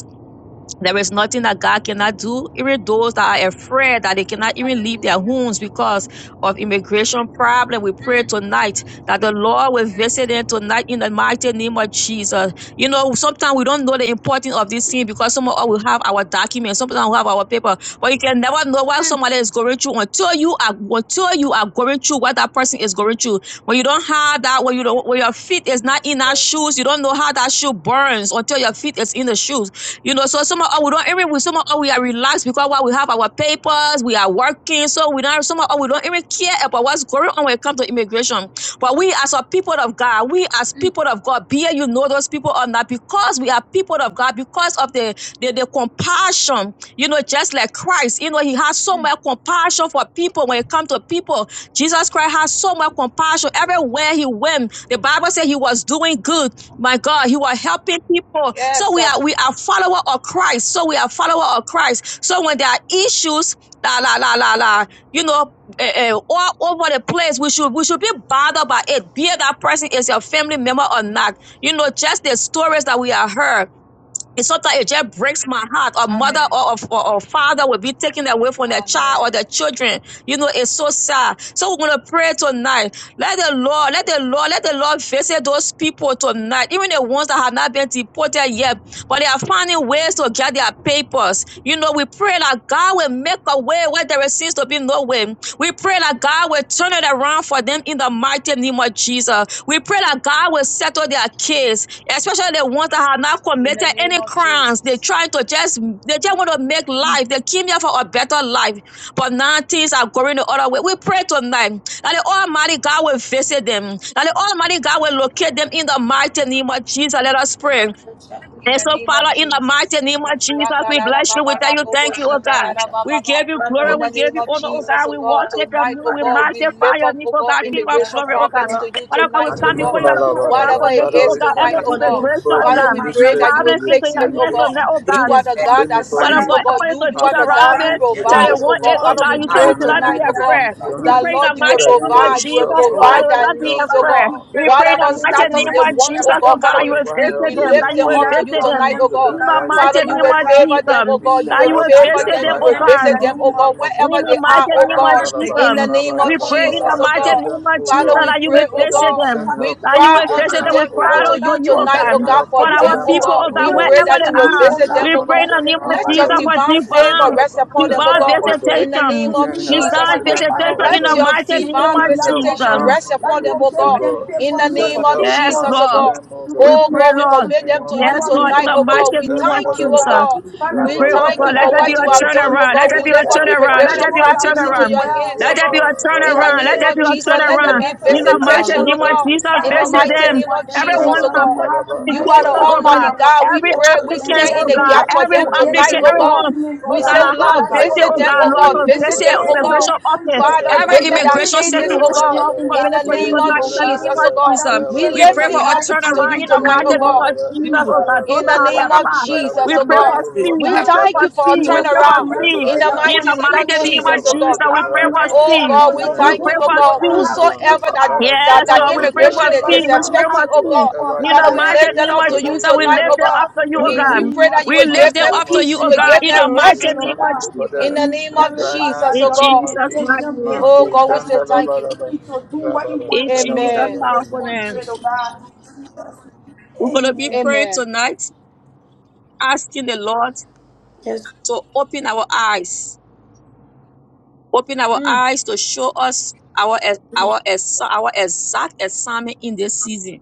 There is nothing that God cannot do. Even those that are afraid that they cannot even leave their
Hallelujah.
homes because of immigration problem, we pray
Mm.
tonight that the Lord will
Yes,
visit them
Lord.
tonight in the mighty name of Jesus. You know, sometimes we don't know the importance of this thing
Amen.
because some of us will have our documents, sometimes we have our paper, but you can never know what
Mm.
somebody is going through until you are until you are going through what that person is going through. When you don't have that, when you don't, when your feet is not
Yes,
in that
Lord.
shoes, you don't know how that shoe burns until your feet is in the shoes. You know, so somehow of oh, we don't even we somehow of oh, we are relaxed because while we have our papers, we are working, so we don't somehow of oh, we don't even care about what's going on when it comes to immigration. But we as a people of God, we as
Mm.
people of God, be it you know those people or not, because we are people of God, because of the the, the compassion, you know, just like Christ, you know, he has so
Mm.
much compassion for people when it comes to people. Jesus Christ has so much compassion everywhere he went. The Bible said he was doing good my God, you are helping people. So
Yes.
we
sir.
are we are follower of Christ. So we are follower of Christ. So when there are issues, la la la la la, you know, eh, eh, all over the place, we should we should be bothered by it. Be it that person is your family member or not. You know, just the stories that we have heard. And sometimes it just breaks my heart. A mother
Amen.
or a, or a father will be taken away from their child or
Amen.
their children. You know, it's so sad. So we're gonna pray tonight. Let the Lord, let the Lord, let the Lord visit those people tonight. Even the ones that have not been deported yet, but they are finding ways to get their papers. You know, we pray that God will make a way where there seems to be no way. We pray that that God will turn it around for them in the mighty name of Jesus. We pray that God will settle their case, especially the ones that have not
In the
committed
name
any
of
crimes. They
Jesus.
trying to just they just want to make
Mm.
life. They came here for a better life, but now things are going the other way. We pray tonight that the Almighty God will visit them, that the Almighty God will locate them in the mighty name of Jesus. Let us pray.
in
And
the
so,
name of
Father, in the mighty
Jesus.
name of
Father, we
Jesus,
thank
we bless you. We tell you
you,
thank you, oh God. We give you
In
Lord,
glory. We
the
give
name
you
of
honor, oh
Lord,
Jesus,
God.
for
oh
We
God,
that.
worship your
tonight,
name.
oh
We
Father, I
God, we
magnify
lift
your
up,
name,
oh
oh
God,
God,
pray,
King
oh
of
God,
immigration
glory,
that
oh
you
problems
God.
God,
to you
Father
we
God, we
our
tonight,
pray,
God.
oh
come
oh
before
Lord,
God.
your
God, for
throne, oh God,
those,
Whatever
for
Mandalabala,
it
making,
Father,
oh
is
we
God,
tonight,
every
oh
commit
God.
immigration, oh
Father,
anybody
Father,
that
we
in
God.
have
pray
not
that
distress
you
done
will
in
Problems
with
into
fix
our
it,
God.
your
oh
hands,
God.
immigration.
oh
Yes,
You
God.
are
this
the
yes.
one,
God that
the
Father
Yes,
Father
sees, oh
Anybody
God, help
God.
God,
us
You
to
you are
will
the
having
God
yes.
Deuteronomy
who
issues
survive
with
just
their
Yes,
chapter 1
provides,
like
oh
8.
God.
Oh
us.
Father,
God,
we
Oh
you
documentation in
said
the
we
God,
pray
God.
should
name
not
Father,
be
of
This
tonight,
they
oh
Jesus
are
God,
afraid.
into your
is
We
struggling
that
hands,
pray in the
Lord, you will
together,
mighty
that you
your
name
great
of
provide,
document
you will
yourself,
Jesus,
O
against
hope
Lord, that
and
provide
we
Lord,
will
that
people.
will
not be
help
needs, oh
them
Father,
God.
afraid.
we
out
pray,
We
oh
pray in
in
God,
the
Whatever
the
you
mighty
have
name
status
name
of
they
of
mercy
want,
Jesus.
oh
Jesus,
God,
oh
upon
God,
Father,
All
that
of
them
you
we,
will
Whatever
and
we,
visit
we
help they
them,
plead
lift
that
need,
you
on
them
O
will
up
Lord,
to
behalf
you
visit
of
grant
them.
tonight, oh
them,
unto
oh
In
God.
them
the
God.
right
this.
now
Father,
mighty
in the
you
name
will
Father
name
of
of
God,
favor
Jesus.
them,
Jesus,
oh
We
God.
we plead
You
send
that
will
you
for
help
will
to
favor
visit
status
them
them.
them,
You
for
right
will
oh
them
now in
in
God.
the
visit
Lord,
them,
the
oh
name
mighty
of
God,
name of
In
wherever
Jesus.
the
they
Jesus.
you are
are,
mighty
oh
name
Father,
of
God.
making
not
ways,
Jesus,
In
those
Manalaba,
the name
we
of
Arabalaba,
pray in
Jesus,
the
that
oh
Father,
mighty
making
help
up,
God.
name
them,
of
O
Jesus
Father, we
God.
that you
pray,
will
oh
Father,
visit
we
God.
send
them,
We
will
help
that you
cry
unto
will
them
unto
visit them
now,
them,
with
O
pride
Father
unto
God.
unto
you
God,
you, O
We
those
tonight,
that
God.
oh
send
that
God.
God,
help
for
For
unto
them,
our
is
Move.
oh
them
for
people,
now,
O
God.
O
We
God,
pray
God.
wherever
praying
that you
they
to
We
will
you,
are,
send
oh
visit
God,
them,
help
we
oh
to
unto
pray in
God.
get
the
them
name
now,
of
people.
Let
O
Father,
your
Jesus
we
God.
for
divine
pray
We
for
send
favor
divine,
them.
help
rest
unto
We
upon them,
them
oh
divine
pray
now,
God.
O
for
Make,
In
them.
God.
the
visitation,
name
We
We
of
send
we
Father,
pray
help
Jesus, oh
divine
for
unto
God.
them,
them now,
Father,
visitation
that
O
in
you
Let
the
will
your
God.
mighty
speak
We
name
divine
on
of
send
behalf
help
of
visitation
Jesus.
them,
now
rest
that
unto
upon
you
them,
will
them,
oh
O
give
make
God
them
God.
in
people.
We
the
You will
send
name
doors
of
help
speak
Yes,
to,
now
Jesus, oh
unto
Lord.
to,
them,
God.
O
to the
We
God.
Oh
pray,
God, we
In the
immigration,
Lord.
commit
to
name
them
the
of
to you
Yes,
Jesus,
Lord,
government,
in
tonight,
to
the
oh
give
Mando,
mighty
God. We
them
name of
thank
people,
you,
oh
oh
Sanadadadaba,
God.
Jesus.
that we
God.
We
We
Father,
pray,
we
oh
pray,
thank
oh
you
God, let
for
God,
there be
what
that
Rababandadaba,
they
you
a
have
will
have
not
done,
be
oh
turnaround.
Rependu,
Let
God.
there
We
be a
lift
supported.
up
turnaround.
Father,
Let
immigration
today.
Sibahandadaba,
there be
those
a
that
problems into
mean
turnaround.
your
well
hands, oh
Let
for
there
God.
Mandidibiyapa,
be a
themselves,
In the
their
turnaround. Let
name
there
of
be
Rabadabadaba,
a
family,
Jesus,
to
let
do
there
turnaround.
be
Yente,
better
In the
in this
mighty
visitation, oh
name of
country.
God.
Mekependu,
Hallelujah,
Jesus,
In
Father.
Father,
the
we
visit
mighty
pray
Smadadaba,
them.
name
for
of
them,
Jesus,
Everyone
oh
Jesus.
I
You
God.
put the
have
Rababandadaba,
You are the
mercy
applications, oh
upon
Kapayabadaba,
Almighty
God.
our
God. We
Every
people
pray. We
and
applicant,
stand
Make
in
oh
set
the
a
them
way
God.
Yentadabadabadaba,
gap
to
for
free
Every
them
and give
tonight,
applicant,
them
oh
Kapayabadabadaba,
God.
everyone.
documents, oh
Oh
We
God,
heal
say,
the
God,
I have
Lord,
that
heart
they will
visit,
visit
oh
them,
be
God,
oh
Lord,
Rababandadabadabadaba,
to
God.
free and
Visit
visit
them, oh
stay in
along
Kapayabadaba,
God.
this
immigration office.
country
Father,
so
Every
visit
that
our
Mandalabadaba,
immigration
it's
cases,
new
oh
for
situation,
God.
them
Lord, we
and
In
Kapayabadabadaba,
commit
their
the
it to you
name
Yes,
family,
of
tonight in
oh
Father,
the
God.
name
Jesus, oh
of
God.
Father,
Jesus.
we
We
pray
We
for
the
lift
pray
your
it
for
way
a
up
mercy
to
turnaround
you
in
in
the
the
tonight, oh
name
mighty name
of
God.
of
to
Jesus,
deal with
oh
it,
Jesus.
God. Those
In the
that
Lord
name
have
Father,
God.
of
we
applied,
pray for
we
we
Jesus,
your
oh
pray
pray,
for
God.
oh
mercy,
This
oh
Lord
speed.
We
We
act
Jesus,
pray
God.
that
thank
for
you
you
for a
send
speed. We
help
Jesus,
pray
of
for
have
unto
turnaround.
break
them
up
speed.
In
mercy
right
the
now.
In
upon
mighty
the
the
name of
mighty
Send
name of
Jesus,
help
innocent.
oh
Jesus,
God.
unto them
we
Have
pray
right
for
now.
mercy
Oh
speed.
God,
upon
we
Send
those
We
help
thank
good
you,
pray
oh
unto
for
people
them
God.
that
right
speed.
have
now.
good
Whosoever that
heart
Father,
that,
Yes,
send
that
for
Lord,
help
we
this
pray
unto them
immigration
for
country,
is,
but
right
is
speed.
they
We
don't
now.
pray for
have
affecting, oh
speed.
God.
paper.
Whatever
In
is
the
Father,
their
Father,
we
help
mighty
lift them
name
them
situation,
up
of
to
to
Father,
you
we
get
Jesus, we
pray
tonight,
you
paper,
lift
oh
oh
them
come
God.
God.
up to
through
you,
for
oh
In
We
the
them.
we
God.
name
pray
of
that
In
you
the
We
will
lift
give
mighty
them
them
Jesus.
up
name
to
of
you,
peace, you
oh
will
Jesus,
God,
give
Father
in the
them
God, we
that you
mighty
pray,
rest
oh
name
come
of
through
God,
for
in
Jesus.
the
you
them.
name of
Right
clarify
now,
their
Jesus,
in
In
the
oh
name
God.
of
Jesus'
Jesus.
mighty
documentation
name.
Oh
Mando,
business
God, we
that
say
Sanda,
they will be
thank
Laba,
you.
Laba,
free to do
Raba,
what you
Raba,
want
In
them to
Laba,
do
Jesus'
Amen.
in
Laba,
this
in
powerful name.
country, oh
Jesus.
God.
We're going to be
Amen.
praying
Amen.
tonight, asking the Lord
Yes,
So open our eyes. Open our
Mm.
eyes to show us our ex- our ex- our exact assignment in this season.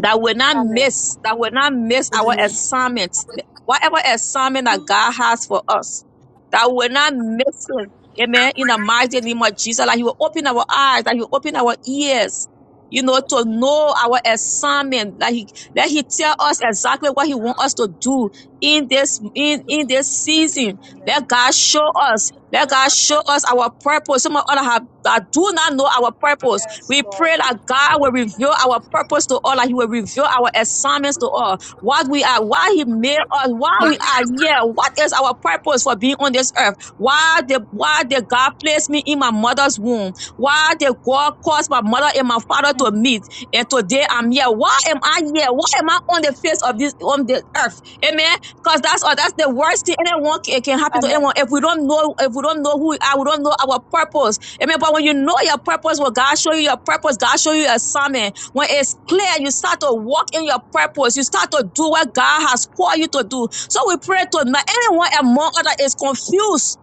That will not
Amen.
miss, that will not miss our assignment. Whatever assignment that God has for us, that will not miss it. Amen. In the mighty name of Jesus, like He will open our eyes, that He will open our ears, you know, to know our assignment. That He let He tell us exactly what He wants us to do in this in in this season
Amen.
let God show us. Let God show us our purpose. Some of us have, that do not know our purpose.
Yes,
We
Lord.
pray that God will reveal our purpose to all, that He will reveal our assignments to all. What we are, why He made us, why we are here, what is our purpose for being on this earth? Why the why did God place me in my mother's womb? Why did God cause my mother and my father
Mm.
to meet? And today I'm here. Why am I here? Why am I on the face of this on the earth? Amen. Cause that's all. That's the worst thing anyone can, can happen to
Amen.
anyone. If we don't know, if we don't know who we are, we don't know our purpose. Amen. But when you know your purpose, when God show you your purpose, God show you your assignment. When it's clear, you start to walk in your purpose. You start to do what God has called you to do. So we pray to not anyone among others is confused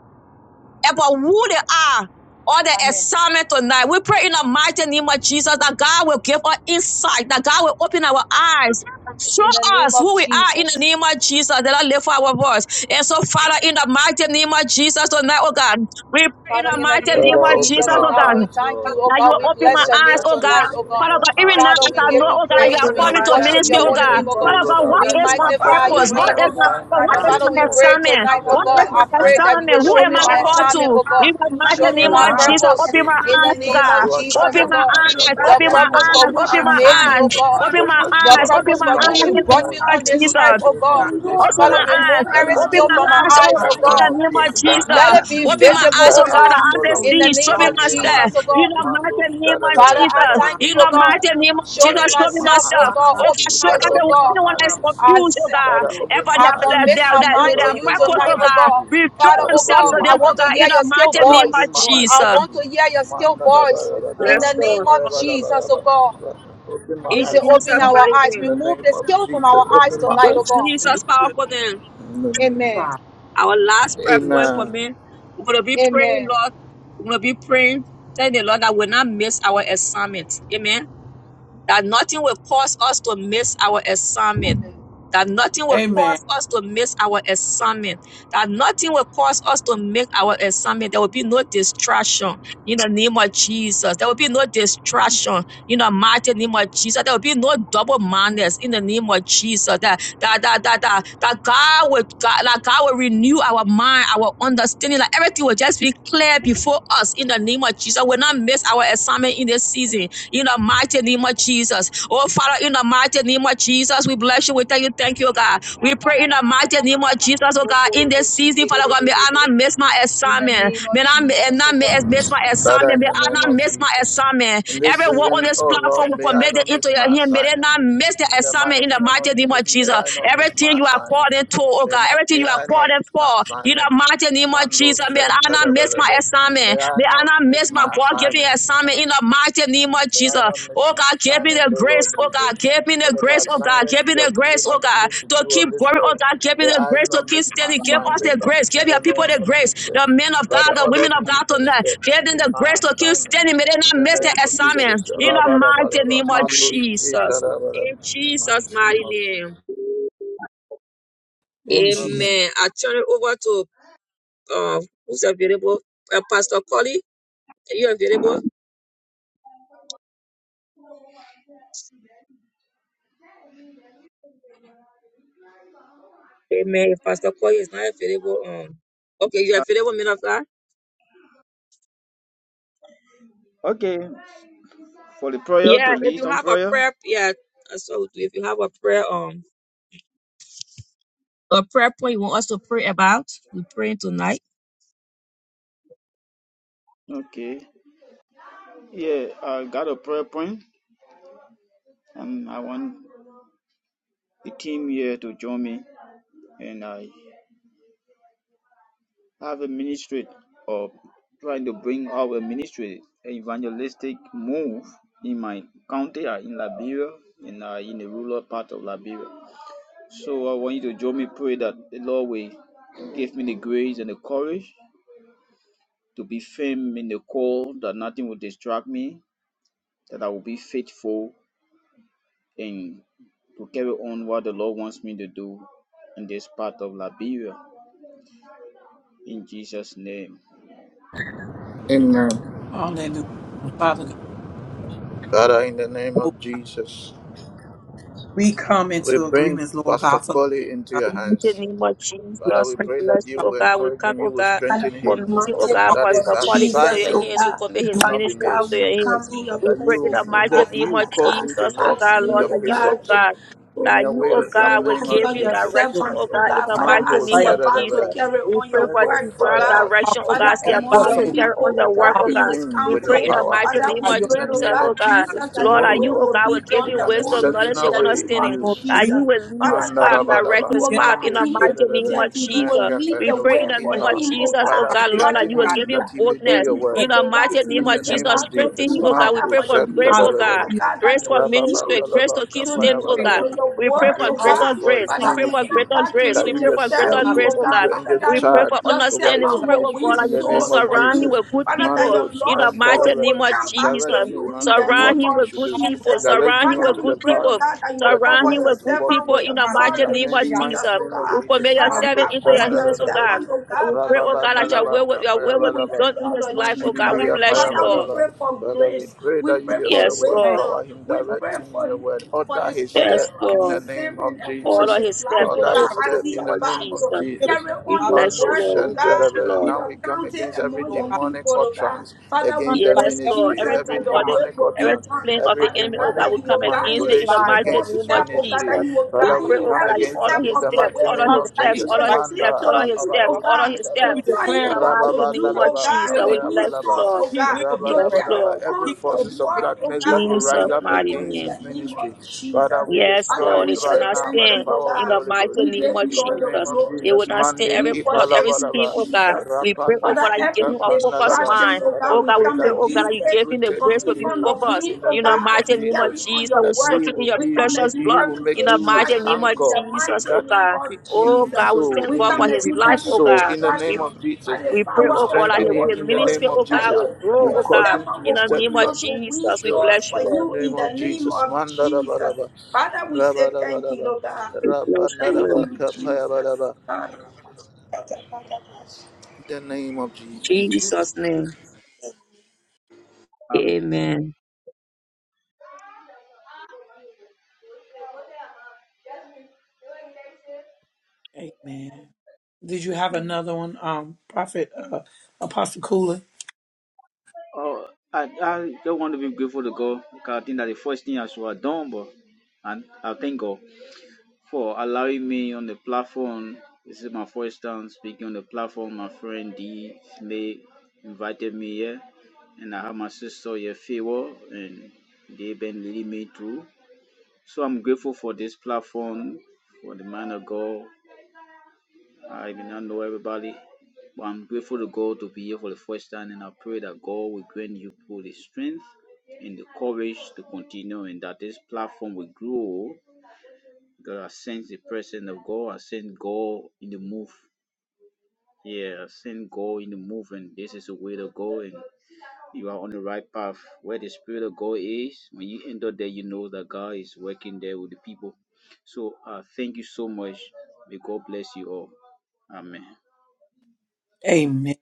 about who they are or the
Amen.
assignment tonight. We pray in the mighty name of Jesus that God will give us insight, that God will open our eyes, show
In the name
us
of
who we are in the
Jesus.
name of Jesus, that I live for our voice. And so, Father, in the mighty name of Jesus tonight, oh God, we pray in
Father,
the
in the
mighty
name
name
Father,
of
of
open
Jesus,
Jesus, oh
oh
God,
our
we
God.
eyes,
thank you,
Lord.
oh
That you
God.
will
We
open my
bless
Father,
your
Father
name
eyes,
God,
touch
oh
do
God.
tonight,
me
oh
it.
in
God.
Father
the
God, even
eye,
now
Father,
oh
as
we
I know,
give you
God.
oh God,
And
you have
praise.
so,
That
We
I
called me
will
to
Father,
down
worship
in
ministry,
your
oh
see
the
holy
God.
name,
and,
name
oh
oh
of
God.
Father
Lord,
God,
I
what
will
We
Jesus,
is
see my
my
magnify
Father,
to
purpose,
we
your
purpose?
win
What
pray,
name,
my
oh
is
oh
my
God.
God,
purpose?
assignment
What
on
Father,
around
is
that
us.
this
Father,
my
you
we
will
earth.
pray
open
assignment?
tonight,
In
oh
the
our
What
God.
is
name
eyes,
I
my
of
pray
Hallelujah.
Father,
that
Jesus,
you will
assignment?
to
Who
show
open
am
me
I
my
my
know
called
who
eyes,
to?
we
assignment, oh God.
In
are,
the
to
Father,
mighty
Show
see
to
me
name
in
my
the
of
know
Allow us,
name
Jesus,
our
of
Lord
purpose
open my
in
Jesus.
the
eyes,
assignment,
oh
oh
name of
God.
God.
So I can
Jesus,
Open
oh
Father,
walk
God,
my
we
in
God.
my
pray, oh
eyes,
purpose,
The
God,
so
open
I
that
my
you will
purpose
can
Lord
for
walk
eyes,
God,
in
open
which
open
you
my
our
my
to
made me,
eyes,
oh
eyes,
assignment,
blind us off of
God.
open
Father,
just
my
as
once
you
The
eyes,
have
again,
open
this
purpose
to
my
for
vision,
eyes
know
which
instructed
you
in
Lord
who
the
we
God,
brought
or
me
name of
on
are,
given
this earth,
unto
Jesus,
Jesus.
that
oh
me
we
God.
not,
to
unto
know
this
Open
Father,
my
our
earth,
remove
eyes.
that
every
I
assignment,
God.
Open
may
skill
to
my
from
know
my
eyes,
achieve
our
oh
Open
in
eyes,
the
oh
our
God, in
God.
name
purpose
eyes,
the
of
in
name
Lord
of
this
God,
Jesus, that
life, oh
I
Jesus.
Let
may
God.
it
to
be
the
do,
Open my
text,
Father, we
visible,
eyes,
that
oh
oh
Lord
pray,
I
God.
God, that
will
God,
I may
How
Jesus,
follow
we
in
see.
the
can
Show
name
in
me
lost
the
of
name
in this
open
of
myself.
Jesus,
our
oh
Jesus.
In
God.
the
situation,
Mando,
mighty name
God.
of
Father,
shadadada.
I
Father,
Jesus.
Our
thank
open
you,
In
oh
my
the
eyes,
God.
mighty
eyes.
Lord
name of
God.
Show
Father,
me
Jesus, show
open
me
my
Lift
myself, oh
eyes
myself.
our
God.
to
Oh
eyes,
Open
God,
see.
Lord
my
show
God,
Father,
eyes, oh
everyone,
open my
God.
anyone
eyes
Lord God,
that's
to
I,
see.
confused,
s-
oh God.
Father,
Lord God.
open
Ever
my
I
their,
eyes
their,
to
commit
their,
my
see.
their,
mind
Father,
to
their
And
you
open my
purpose,
tonight,
eyes
oh
oh
Not
God.
to
God.
see.
Reveal
Father,
Father,
oh
themselves
God,
open
to
I
my
them, oh
want
eyes
to
God,
hear
in
to
the
your
see.
still
mighty
Father,
name of
voice.
open my
showing
eyes
I
to
Jesus.
want
see.
to hear your still
Manda da ba
voice
da ba da
in
Yes,
God.
the
ba da
name
Lord.
of
ba da ba da
Jesus, oh
ba.
God.
Father, Open my
We
In
say,
eyes to
open
Jesus'
see.
our
mighty
eyes.
In
name.
the
Remove
name
the
of
skill from our
Jesus,
eyes
open my
tonight,
In
oh
eyes to
God.
see.
Hallelujah
Jesus'
to
powerful name.
In the name.
Amen.
God.
Our last prayer
In
point for
Jesus.
Amen.
me. we're going to be praying,
Amen.
Lord. We're going to be praying. Tell the Lord that we'll not miss our assignment. Amen that nothing will cause us to miss our assignment. That nothing will
Amen.
cause us to miss our assignment. That nothing will cause us to make our assignment. There will be no distraction in the name of Jesus. There will be no distraction in the mighty name of Jesus. There will be no double mindedness in the name of Jesus. That that that that that, that God will God, that God will renew our mind, our understanding. Like everything will just be clear before us in the name of Jesus. We'll not miss our assignment in this season in the mighty name of Jesus. Oh, Father, in the mighty name of Jesus, we bless you. We tell you. Thank you, oh God. We pray in the mighty name of Jesus, oh God, in this season, Father God, may I not miss my
In the
assignment.
name
May
of
I and
Jesus, oh
not
God.
miss my
Father,
assignment.
in
May
the
I
name
not
of
miss my
Jesus.
assignment.
In this
Everyone on
season,
this
oh Lord,
platform will
may I
commit it
not
into
miss my
your hand. May they
assignment.
not miss the
In the
assignment in
mighty
the
name
mighty
of
name
Jesus,
of
may
Jesus.
I not miss
Everything
my
you are
assignment.
called into, oh
May
God,
not
everything
may
you are
I not
called in
miss my
for, in the
assignment.
mighty name of
Mando
Jesus, may I not miss my
Shantalabelebe. May
assignment.
I
May I
not
not
miss
miss my
my
God
must.
given
assignment.
assignment in the mighty name of
May I
Jesus.
not miss
Oh
my
God, give me
assignment,
the
O
grace.
Lord
Oh God,
Jesus.
give me the
Whatever
grace. Oh God,
assignment
give me
you have
the grace.
given
Oh
unto
God,
me to
to
do on
keep
this
growing. Oh
earth,
God, give me
may
the
I
grace to
not miss
keep
my
standing. Give us
assignment.
the grace.
In
Give
the
your people
name
the
of
grace.
Jesus.
The men of God,
Father,
the
order
women of
me in
God
your
tonight.
step,
Give them
in
the grace
my
to keep
assignment.
standing. May they
In
not
the
miss their
name of Jesus.
assignments. In the
Rabba, rabba,
mighty
rabba.
name of
Mandus, eta,
Jesus.
rabba, rabba.
In
In the
Jesus'
mighty name
mighty
of Jesus.
name.
And Jesus.
Amen.
Amen. I turn it over to uh, who's available? Uh, Pastor Collie. Are you available? Amen. If Pastor Collie is not available, um, okay, you're
Uh,
available, men of God.
okay, for the prayer to
Yeah, if
lead
you
some
have a
prayer.
prayer, yeah, so if you have a prayer, um, a prayer point you want us to pray about, we pray tonight.
Okay. Yeah, I got a prayer point, and I want the team here to join me. And I have a ministry of trying to bring out a ministry evangelistic move in my county, uh, in Liberia, and uh, in the rural part of Liberia. So I want you to join me. Pray that the Lord will give me the grace and the courage to be firm in the call, that nothing will distract me, that I will be faithful and to carry on what the Lord wants me to do in this part of Liberia. In Jesus' name.
Amen.
Hallelujah. Father God,
Father, in the name
oh,
of Jesus,
we come
we
into
bring
agreements, Lord
Pastor
God, for the
Collie into
God.
your
In the
hands.
name of
We
Father,
Jesus,
we
pray,
we
pray
bless
that you
you,
Father,
oh
will
God. We
encourage
come,
him, you
oh
will
God,
Father,
strengthen
in the
him,
committing, oh
mighty name
God,
walk
that
Pastor
his
of
call it into
Jesus,
your
oh
assignment
hands. We
God.
to
commit his
do
will not be
Father
ministry into
God,
missed,
we
your
come
hands.
in your
We
that
pray in
you
the
presence, oh
mighty
God,
walk,
name of
you
Father
cause
God,
him to
Jesus, oh
walk
God,
asking
in
Lord,
you,
your
oh
that you, oh
God,
precepts,
to
God,
Oh,
in
that
your
you, oh
will,
bless
in
your
the
God, will
name of
give
pastor,
you
your
your will
Jesus.
direction,
servant,
oh
oh
God, in
God.
the
Father,
mighty
Mando
as
name
he
right
of
now.
about
Jesus.
to
Shadadaba,
carry
We
on
pray
your
let
for
your
work, oh
divine
God.
fire
Talking
direction, oh
into
Father,
God, so
your
you're
among
rekindle
voice,
about
your
to
oh
him,
God.
carry on
people, oh
your work,
God,
oh
equip
in
God.
his
him
We
with
Hallelujah, Lord
your
God,
county.
pray in
that
the
you would
power,
mighty
Father,
carry
name
we
out
of
in
your
pray,
the
vision,
oh
Jesus,
name
God,
oh
of
God.
Jesus,
Jesus, to
that
Lord,
your
that
move
you,
will
oh
will
God, will
be
give
in
done
you
an
upon
wisdom,
him
knowledge,
in
and
exceptional
the
way
name
in
understanding
of
you.
Lord God.
that
He has
you
Jesus.
will lead his
Father God,
path,
you,
you.
direct
Mandarabadaba,
you
his
are
Yes,
path in
Mando
the
guarding
the
and
mighty name
Shadadaba,
of
protecting. You will
Jesus.
lead
We
the
pray
Mekapendos
way
in the
for
name of
Ipa.
him, oh
Jesus, oh
God.
Father,
God,
foundation,
Lord, that
Father,
strengthen
you will
that,
God.
him
give
that
him
that
he may do
the
boldness
your work.
Good.
in the
It
mighty
is
evangelizing
right.
name
In the
of
he's
name
about
Jesus.
of
about to
Strengthen
Jesus,
Jesus.
him,
do,
oh,
oh God. We
Father,
Marco
pray
for
for
your
grace,
people,
oh God.
Shantarababa.
Father
Hallelujah.
God, that
Grace
they
for
will
ministry,
yield to,
grace
Rababandalaba.
to keep
to,
We
standing, oh
to,
pray,
God.
Lord
Kapayabalaba,
to
God,
your
We
for
pray
move
word,
we
for
oh
all the
pray
greater
God.
for
grace.
his
We
Father,
blocks
pray
out of
and
for
ministry,
come
greater
the way.
back to
grace.
you
that
We
you
and
pray for
serve
Lord
greater
yourself
God, send
you,
will
grace,
oh
oh
the
give
God.
God.
your
Father,
angels
that
We
people
you,
pray for
charge
your
over
understanding.
his
We
servant
that
pray,
will
oh
win
God,
ministry
that
in
you,
the
you
name
souls
of
for
surround him
you.
Jesus.
with good
Father, that
people
your
Mandos
in the
lost
and
souls
mighty
Talaba,
will
name of
come back
Jesus.
to
direct him
you in the
unto
you know, God, you will, Lord
Surround
name
what
him
God,
he
of
with
should
good
do,
people.
you
Jesus.
direct
Surround
him
him with
Father,
unto
we
the
good
pray, oh
path
people.
God, that you will
that you
Surround
cover
him
want
your
him
with
to
good
walk
servant
people
in.
with
in
the
the
already
In
blood
mighty
the
name
of
ma-
of
Lord
Jesus.
mighty
Jesus, oh
name of
We
God.
commit
Jesus,
your
God, we
Father,
servant
Mando
God,
into your
thank
cover
you.
your
hands, oh
Shandalaba,
God.
servant, oh
But
And
God,
we pray, oh
Pastor
God, that
Sina,
your
Rababandalaba,
will, will- your will
body
will
with
be
Kapayabalaba,
the
done in
blood
his
of
God,
life,
we
oh God.
Jesus.
We
pray, Lord
bless
God,
you,
Father,
that
we
you
Lord.
Mandilibriya
can
pray for
Father, we
grace.
pray
We
that you
pray for
yourself
Yes,
will
pay
Lord.
empower
wisdom.
him,
We
on the Lord
direct
pray
him in
for,
your word.
for
Order
the
his
spirit
step
Yes,
of
in the
Lord.
name of
discernment upon
All
Jesus.
of
his
his
life,
steps in
oh
the
Order his
God, as
mighty
step
he
in
name
the
of
about
name of
to
to
Jesus.
deliver,
Jesus.
carry
We
on
God.
your
bless you,
Mando
work,
Lord.
oh
We
God,
bless you,
Shentelebe. And
Lord.
Hallelujah,
in
now
your
we come
county
against every
among
Lord
your
God.
demonic
people, oh God.
utterance
Father,
Run
we
against the
like
pray,
Yes,
never
Lord.
before,
Jesus,
ministry, every
that
Everything
your
God.
mother,
will
demonic
will be
every
utterance,
done.
plan of
every
the
Father
enemy, oh
God,
Lord,
demonic
God,
that
will
you
come
will guide
against
we
it
his
in the
manipulation
bind up,
mighty
against
fourth
name
his
of
God,
step, oh God,
ministry.
that
Jesus.
you will
We
Father,
guide
we
pray,
him
oh
come
God, that
every
you
against
step
it
honor
in
his
the
of the
steps,
the
mighty
honor
way
name
his
of
that
steps,
you
congregation
Jesus.
will
honor
right
his
Manda
speak
steps,
to him,
honor his
oh
now.
steps,
Lord.
Rabados
honor
God,
his
to
We
steps.
tell
declare,
In
him
the
what to
mighty name
do,
God,
of
oh
he
Jesus,
God,
will,
to
we
win
bless you,
Rababandalaba
souls,
Lord.
oh
he
God,
will be
to
Yes,
great.
carry
Rabadabadaba.
Lord.
Every
on
He
your
will
forces of
be
word, oh
darkness that
God,
will
Jesus,
among
rise
your
up
mighty
people
against
in the
his
name.
name
ministry,
of
Father,
Jesus.
we
Yes,
Father,
destroy
Lord,
it
we
it shall
say
right
not
now
thank
by the
stand
you, oh
power of
in
the
God.
the
Holy
mighty
Ghost.
We
name
give
of
you
In the
all the
name
Jesus.
of
It
glory.
will
Jesus,
not stand
Monday,
every
We
plot,
worship
every
you,
scheme,
Ipalabadaba,
oh God.
Jesus.
We pray, oh
Father,
Rapandus
God, that you give
every
him a focused
Ikapandalaba.
distraction,
mind.
oh
Father,
God,
Oh
we
we
God, we
pray
come
that
pray, oh
he
God,
will
that
against
you
be
it
give him the
rooted
from
grace
in
in
to be
front
you.
of
focused.
him,
In the
oh
In the
name
God, as
of
mighty
we
name of
carry
Jesus,
on
Jesus,
your
we
that
word.
he
soak him
will
in your
We
be,
come
he
precious
against
he
blood.
will
every
In
make
the
you his
mighty name
distraction
of
in the
anchor.
Jesus,
mighty
oh
That
name
God.
of
keep
Oh
him
Jesus.
God, we
so
thank
We
God
in
come
for his
keep
against
his
life,
every
oh
soul
God.
in the
We,
name
distraction
of
by
Jesus.
the
we pray,
You
power
oh
of
God,
the
that
strengthen
he'll be
him
Holy
a
in the
Ghost
ministry,
name of
oh
that
God,
Jesus.
will
your,
grow,
that
You
oh
your
cause
God.
him to
servant
In
be
will
the name of
continue
steadfast.
to win
Jesus, we
Sure.
souls
bless
for
you,
In the
Lord.
you in
name of
the name
Jesus.
of Jesus.
Mandarabaraba.
Father, we say thank you,
Rabarabaraba.
Lord God.
We bless you,
Thank
Lord.
Rabandaraba.
you, Jesus.
Kapayabaraba.
God.
In the name of Jesus.
Jesus' name.
Um,
Amen.
great. Amen. Did you have
amen.
another one, um, Prophet uh, Apostle Cooler?
Oh, I, I don't want to be grateful to God because I think that the first thing I should have done, but and I thank God. for allowing me on the platform. This is my first time speaking on the platform. My friend D Slay invited me here, and I have my sister here, Favor, and they've been leading me through. So I'm grateful for this platform, for the man of God. I may not know everybody, but I'm grateful to God to be here for the first time, and I pray that God will grant you both the strength and the courage to continue, and that this platform will grow God has sent the presence of God, I sense God in the move. Yeah, I sense God in the move, and this is the way to go, and you are on the right path. Where the Spirit of God is, when you enter there, you know that God is working there with the people. So uh, thank you so much. May God bless you all. Amen.
Amen.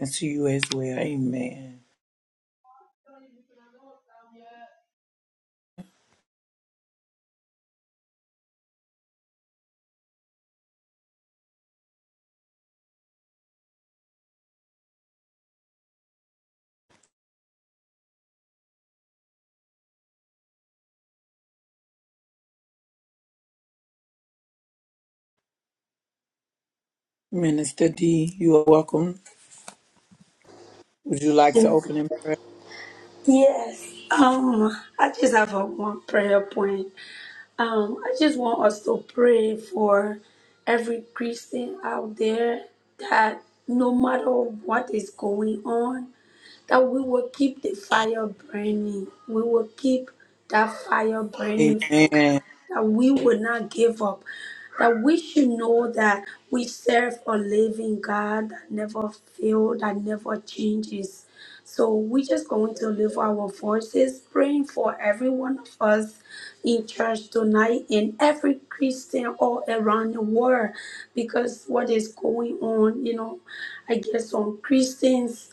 And to you as well. Amen. Minister D, you are welcome. Would you like to open in
Yes. Um, I just have a one prayer point. Um, I just want us to pray for every Christian out there that no matter what is going on, that we will keep the fire burning. We will keep that fire burning
Amen.
that we would not give up, that we should know that we serve a living God that never fails, that never changes. So we're just going to lift our voices, praying for every one of us in church tonight and every Christian all around the world, because what is going on, you know, I guess some Christians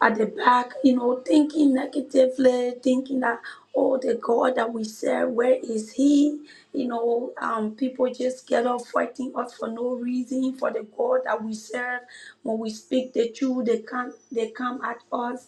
at the back, you know, thinking negatively, thinking that, oh, the God that we serve, where is He? You know, um, people just get off fighting us for no reason for the God that we serve. When we speak the truth, they come, they come at us.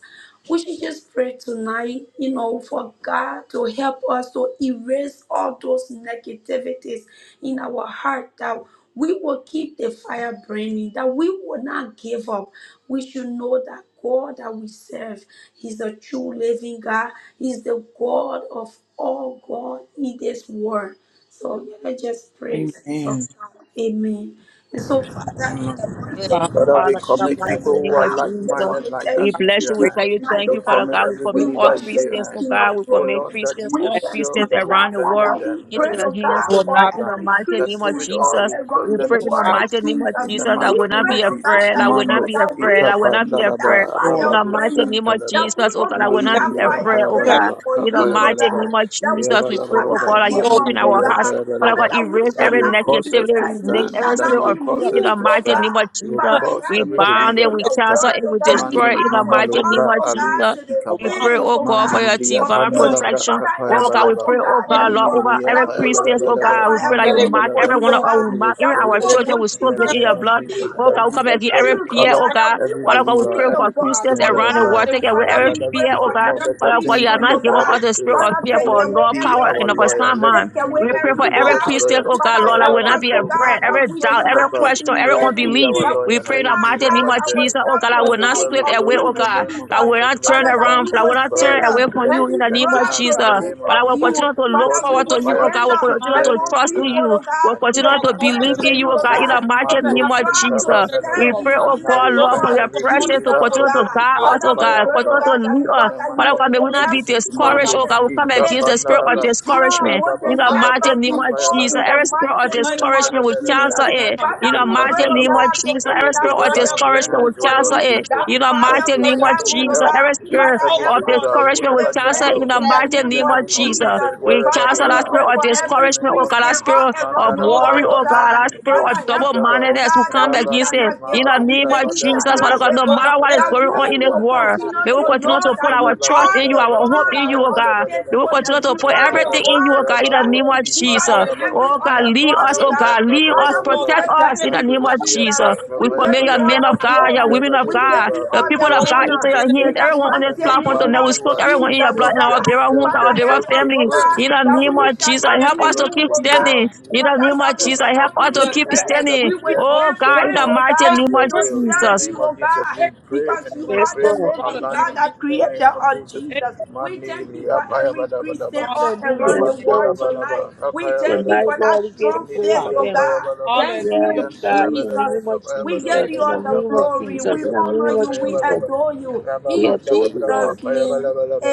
We should just pray tonight, you know, for God to help us to erase all those negativities in our heart that we will keep the fire burning, that we will not give up. We should know that God that we serve. He's the true living God. He's the God of all God in this world. So yeah, let's just praise so
Amen.
God. Amen. And so, Father, in the mighty
Father,
name
Father,
of
we
Father, in the
commit
Jesus,
people
mighty
oh
name
who are
of
God, we just
Jesus,
want
like-minded
to
like
tell
we
you
us into
bless
thank
you.
your
We
you
pray
tell
hands.
you
tonight,
thank
We
oh
you, Father
God.
commit
God. We
every
We
commit all
believer into
Yeah.
worship you,
your
Christians, oh
King
hands.
God.
of
We
Oh
glory.
commit
Lord, that
Christians,
you
We
all
that
thank
yourself
you,
none
Christians
oh
will
God.
around the
strengthen
world
Father, we
them,
into
that
pray,
of us
you
your
oh
hands
cause
can
God,
know
them to
for
tonight
about
in the
stand,
every
mighty
that
name of
through it
Christian all
all
Jesus.
you cause
We
around
you,
them
the
pray
Lord,
to
in the
world,
about
stand.
mighty name of
Jesus.
In the
Jesus. I
We
mighty
will not
name
pray,
be
of
oh God,
Jesus,
afraid.
that
I will
you
not be
Mandos,
Lord, that
afraid.
we
I will
will
Ikapa,
not be
keep that
afraid.
you,
Dalaba,
Lord,
In
fire
the
Rabado,
mighty
burning,
name of
that
Santalaba,
we
Jesus, oh
will
God,
that
I will
you
keep
have,
not
that
be
Mandibria,
afraid,
fire
oh
you have,
God.
burning
Payabalaba,
for
In the
you, Lord
mighty
God,
Payabalaba,
name of
that we
Jesus, we pray,
shall
oh
not
God,
Yavalabalaba,
that you
give
Lord
up,
God,
open
oh
our
Mandibria,
hearts
God.
Father
Father,
God,
Payabalaba,
that we
erase
that
shall
every
you will
not be
cause
that
us
negativity,
to
deterred,
remove
we
stand,
shall
every
you have
that you
spirit
not
will
of
be
fear
cause
in
us
the
moved,
to
oh
mighty
stand,
name of
God.
you will
done,
Father
Jesus.
cause
We
God, you
every
Lord,
said
bind it,
believer
in
we
to
that
your
you
cancel
stand.
are
word,
it,
oh
we
still
God, you
living
destroy
Mandi
it in the
are with
Mahalo
mighty
among,
us,
Bra
name of
oh God,
Alus
Jesus.
to the
We
Ikaba
around
pray,
end,
us,
oh
oh
God,
Mandi
for
God,
your
Briya
of
divine
it.
Lord,
Pandala Bra
protection.
Father,
Kapaya
help
Oh
Father,
God, we
us,
Balaba
pray,
oh
oh
God,
pray
that
God,
is
Mandi
Lord,
God,
over
Briya
every
that
Paya
we will
Christian,
keep
oh
that
Balabalaba
God, we pray
fire
that
that
you
they
Mandala
will
burning
mark
for
Balaba
keep
every
you,
one
oh
of
going,
us,
that
we
you
God,
will
mark even
that we
our
that
strengthen
they
will
will
us
not
children, we
in
continue
the
soak them in
settle,
name
your
to
of
blood.
Jesus
speak
Oh
that
Lord
God,
you
we
the
God.
come
will
against every
double
truth, oh
fear,
I
cover
oh
pray,
God, that
God.
we
every
will
Father God, we
Lord
believer,
pray
speak the
for
every
God, that
Christians
gospel,
Christian with
oh
the
around the
God.
blood.
world,
they will
take away
The
Father,
every
continue
blood
we
to
that
pray
fear,
for
oh
speaketh
God.
more
step
every
better
Father God, you
things
have
than
Christian,
the
oh
not given
blood
God.
us
of
the spirit
Pharaoh.
on
of
Father,
fear,
take
over,
Let
but
away
it
Lord,
be
every
power
our
and of a
fear,
lawyer.
sound
Let
mind.
it
take
be
away
We pray
every
for
every
Lord
every
God,
believer's
will
doubt.
Christian,
lawyer.
oh
continue
God,
to
Lord,
Father,
I
help
Wherever
hold
will
on
they
not
us,
to
be
oh
the
go,
God,
afraid.
Mando
Every
that we
word
doubt,
should
every
not
Ikaba.
be
question, every
Let
that
it
you
inhaling,
be
unbelief.
our
will,
that we
We
lawyer.
Lord
pray
Let
should
God.
in the
it
not
be
mighty name
our
of
hide
Jesus,
judge.
oh
ourselves
God, I
to
Oh
will not
God,
speak
Everywhere
we
we
slip
of
away,
go,
oh
you,
in
thank
the
God.
name of
I
Jesus.
will
Jesus,
not
let
turn
the
Father, that
blood
you,
around.
we
I will
will
speak
not
Lord God.
for us.
stand
turn away
up
from
Let
you
and
it
in
be
the name
strengthen
of
Father,
proud
us
Jesus.
to
in the
Lord
name
speak
of
But I
of
will
God,
Jesus.
you.
continue to look
Cause
Father,
your
we
forward
Lord
to
will
God,
you, oh
fire
God.
give
I
to
stand
them
will
the
up
keep
continue
mind
and
to
more
burning
trust
in
in
people,
us
you.
oh God,
We'll
and
to know you, oh God, to
continue
to
draw
within
to
us in
closer
the
believe
to
pray
in
to
name
you,
you,
you,
of
oh
oh
Lord God,
God,
God,
in
Jesus.
the
God.
mighty
So
to
be
Mando
have
name of
a desire
proud
speaker
to
to
Jesus.
serve you,
We
bandalaba.
serve
oh
pray,
you
oh
God.
And
in
now
the
God,
we
name
Lord,
Lord
for
cleanse
of
God,
your
you are
every
presence to
wonderful,
Jesus,
believer
God,
oh
and
continue
with
to
the
God.
good
guide
with
God,
the
us, oh
Father, we
loving
fire
God.
God.
pray,
of
oh
Continue
God.
to
God, that
lead
we
us.
In
God
the
that you
Father
mighty
will
God, may
name
we
make
of
You've
not
been
be
Jesus.
every
a friend, Lord God,
discouraged,
Mando
oh
Christian
when
God. We come
speaker
faith
against the
we don't have no
spirit
to be
of
bandalaba.
friends. You continue
strong
discouragement.
Rabba
more
to
In
than
the
provide,
mighty
Lord
bandalabra.
ever
name
God, when
of
Fire
before
Jesus,
in
we don't know where
every
bandalaba.
the
spirit
the
of
mighty
Hey,
money
name of
discouragement,
coming,
we
the
Pandalabelebe,
cancel
Jesus.
food
it.
coming,
In
Father,
oh
Manduski,
the
we
God.
pray,
mighty
oh
You
name
Pandalaba.
of
God,
continue
to
Jesus,
to
keep
Every
every
open
that
spirit of
doors,
believer
oh
fire
into
God,
your
discouragement,
burning
we
hands, O
for
when we
cancel
Lord
you,
don't
it.
Jesus,
know,
that
In the
Lord God, we
that you
fire
mighty
will
from
wait
name
to
of
send
go,
heaven,
Lord
oh
Jesus,
help
God.
every
You
to
spirit
Father,
close
every
help
the
of
us
ones,
believer,
to
Lord
keep
discouragement,
God,
we
whoever
it
needs
that
cancel
have
it.
a
burning
In
help,
the
in the
stagnant
mighty
in
name
the
name of
name
of
of
Jesus,
Jesus,
Jesus.
we
procrastinated.
wherever
Father,
they
cancel
Lord
we
that
God,
are.
pray
spirit of
for
determined.
In the
every
discouragement,
name
oh
of
God,
Christian
that
Jesus,
all
spirit of
around the
Lord,
worry,
world, oh
oh
Mandalabalaba,
God, that
God.
Mandi,
spirit of
Father, help
double
us,
Oskikaba,
oh
mindedness who
God, that
come
we
against
shall
Rabandi,
it.
not
In
give
the
up.
Mahalu,
we
name
thank
of
you,
We
Brabadan,
Lord
shall
Jesus, Father
God.
not
God, no
give
Teleba,
Lord
up.
God,
matter what
let
is
That
your
going on in
we
Rentalaba
this
evidence,
will
Lord
world,
God,
continue
they
stand
will
to
Nandilibriapa
continue
like
know
to put
that
our
you
trust
are
in you,
the
our
Rababandalaba
the
hope
God
in
inside of
you,
you,
oh
of
God.
Papayabalaba
They will continue
faithfulness.
to
You
put
are
Lord
the
God.
everything
Mandalabalaba
in you,
God
oh God, in the
that
Rababos
name
is
of
bigger
Jesus.
than
Ipandalaba
Hallelujah.
every
Oh
In the
God,
name
other
lead
God,
us,
oh
of
oh
Jesus,
Mandilibriapa
God.
God, lead us,
Father, we
Lord
Papayabalaba
protect
God,
say
you
us
thank
in
said
the
you,
name
that
of
we shall
Mandilibriapa
Jesus.
Jesus.
fight in
We
We give
commit your
the
you all
Papayabalaba
men
salt
of
the
of
God,
the
your
light.
glory.
Preserve
women of
every
is.
We give
God,
believer,
you
the
all
people
the
of
preserve
Hallelujah.
God
every
into
In
honor.
the
your
name
hands.
Christian,
In the
of
Everyone on this
Jesus, Lord
mighty
God.
platform to
anyone
name
know we
of
who
soak
Let
has
everyone
Jesus,
in
your
your
Lord
blood
oh
made
and our
God.
very
God
yourself
homes, our
Father,
very
help
themselves
us, oh
family.
faithfully
word
In
God,
the
to
that we
name
follow
of
shall
Jesus,
you
in
and
not
the
help
be
O
name
us to
Lord to
moved,
of
keep
oh
Jesus.
desire of
standing.
God.
In
you.
the
Father,
name
In
that
of
the
we
Whisper
Jesus,
shall
name of
help
not be
us
in
Jesus,
to
your
keep
ear
deterred.
as
anything
they
that
standing.
We
will
will
speak,
get
oh God.
stay
Oh
them
God, in
firm,
the
off
oh
mighty
God,
Shake
name
them,
your
of
to
prick
will.
them,
In the
Lord
serve
Jesus.
name
you,
God.
of
oh
Jesus,
God,
we
Shake them,
pray
because
and
you
we
Yes,
are
pray
whatever
the
Lord.
for
brought us
living
near to
God,
alignment.
you,
the
In the
Lord.
name
creator
of
of
Jesus.
Jesus. We
Mani
thank
libri,
you for
apaya
every
bada bada
Christian
ba,
all
Hallelujah. in
around
Yes,
the
the
raban
name
tala
world
Lord.
bada
tonight.
ba,
We
apaya
thank
bada
you
ba,
Tonight,
for that
Lord, we give
of
you
strong
mani
glory
faith,
Jehovah.
libri,
for
oh
them.
apaya
God.
bada ba,
Hallelujah.
Thank
Yes,
you,
yan tala
God, in the
bada ba,
Jesus.
name of
apaya
We
bada
give
Jesus.
Yes,
bada
you
In
ba,
the
all
God.
the
name of
kapani
glory.
Jesus.
We
libri,
In the
apa-
name
honor you.
of
kapaya
We
Jesus.
bada ba,
adore you.
We
rababan
In
tala
adore you,
bra,
Lord.
Jesus'
kapaya
name,
bada bada ba.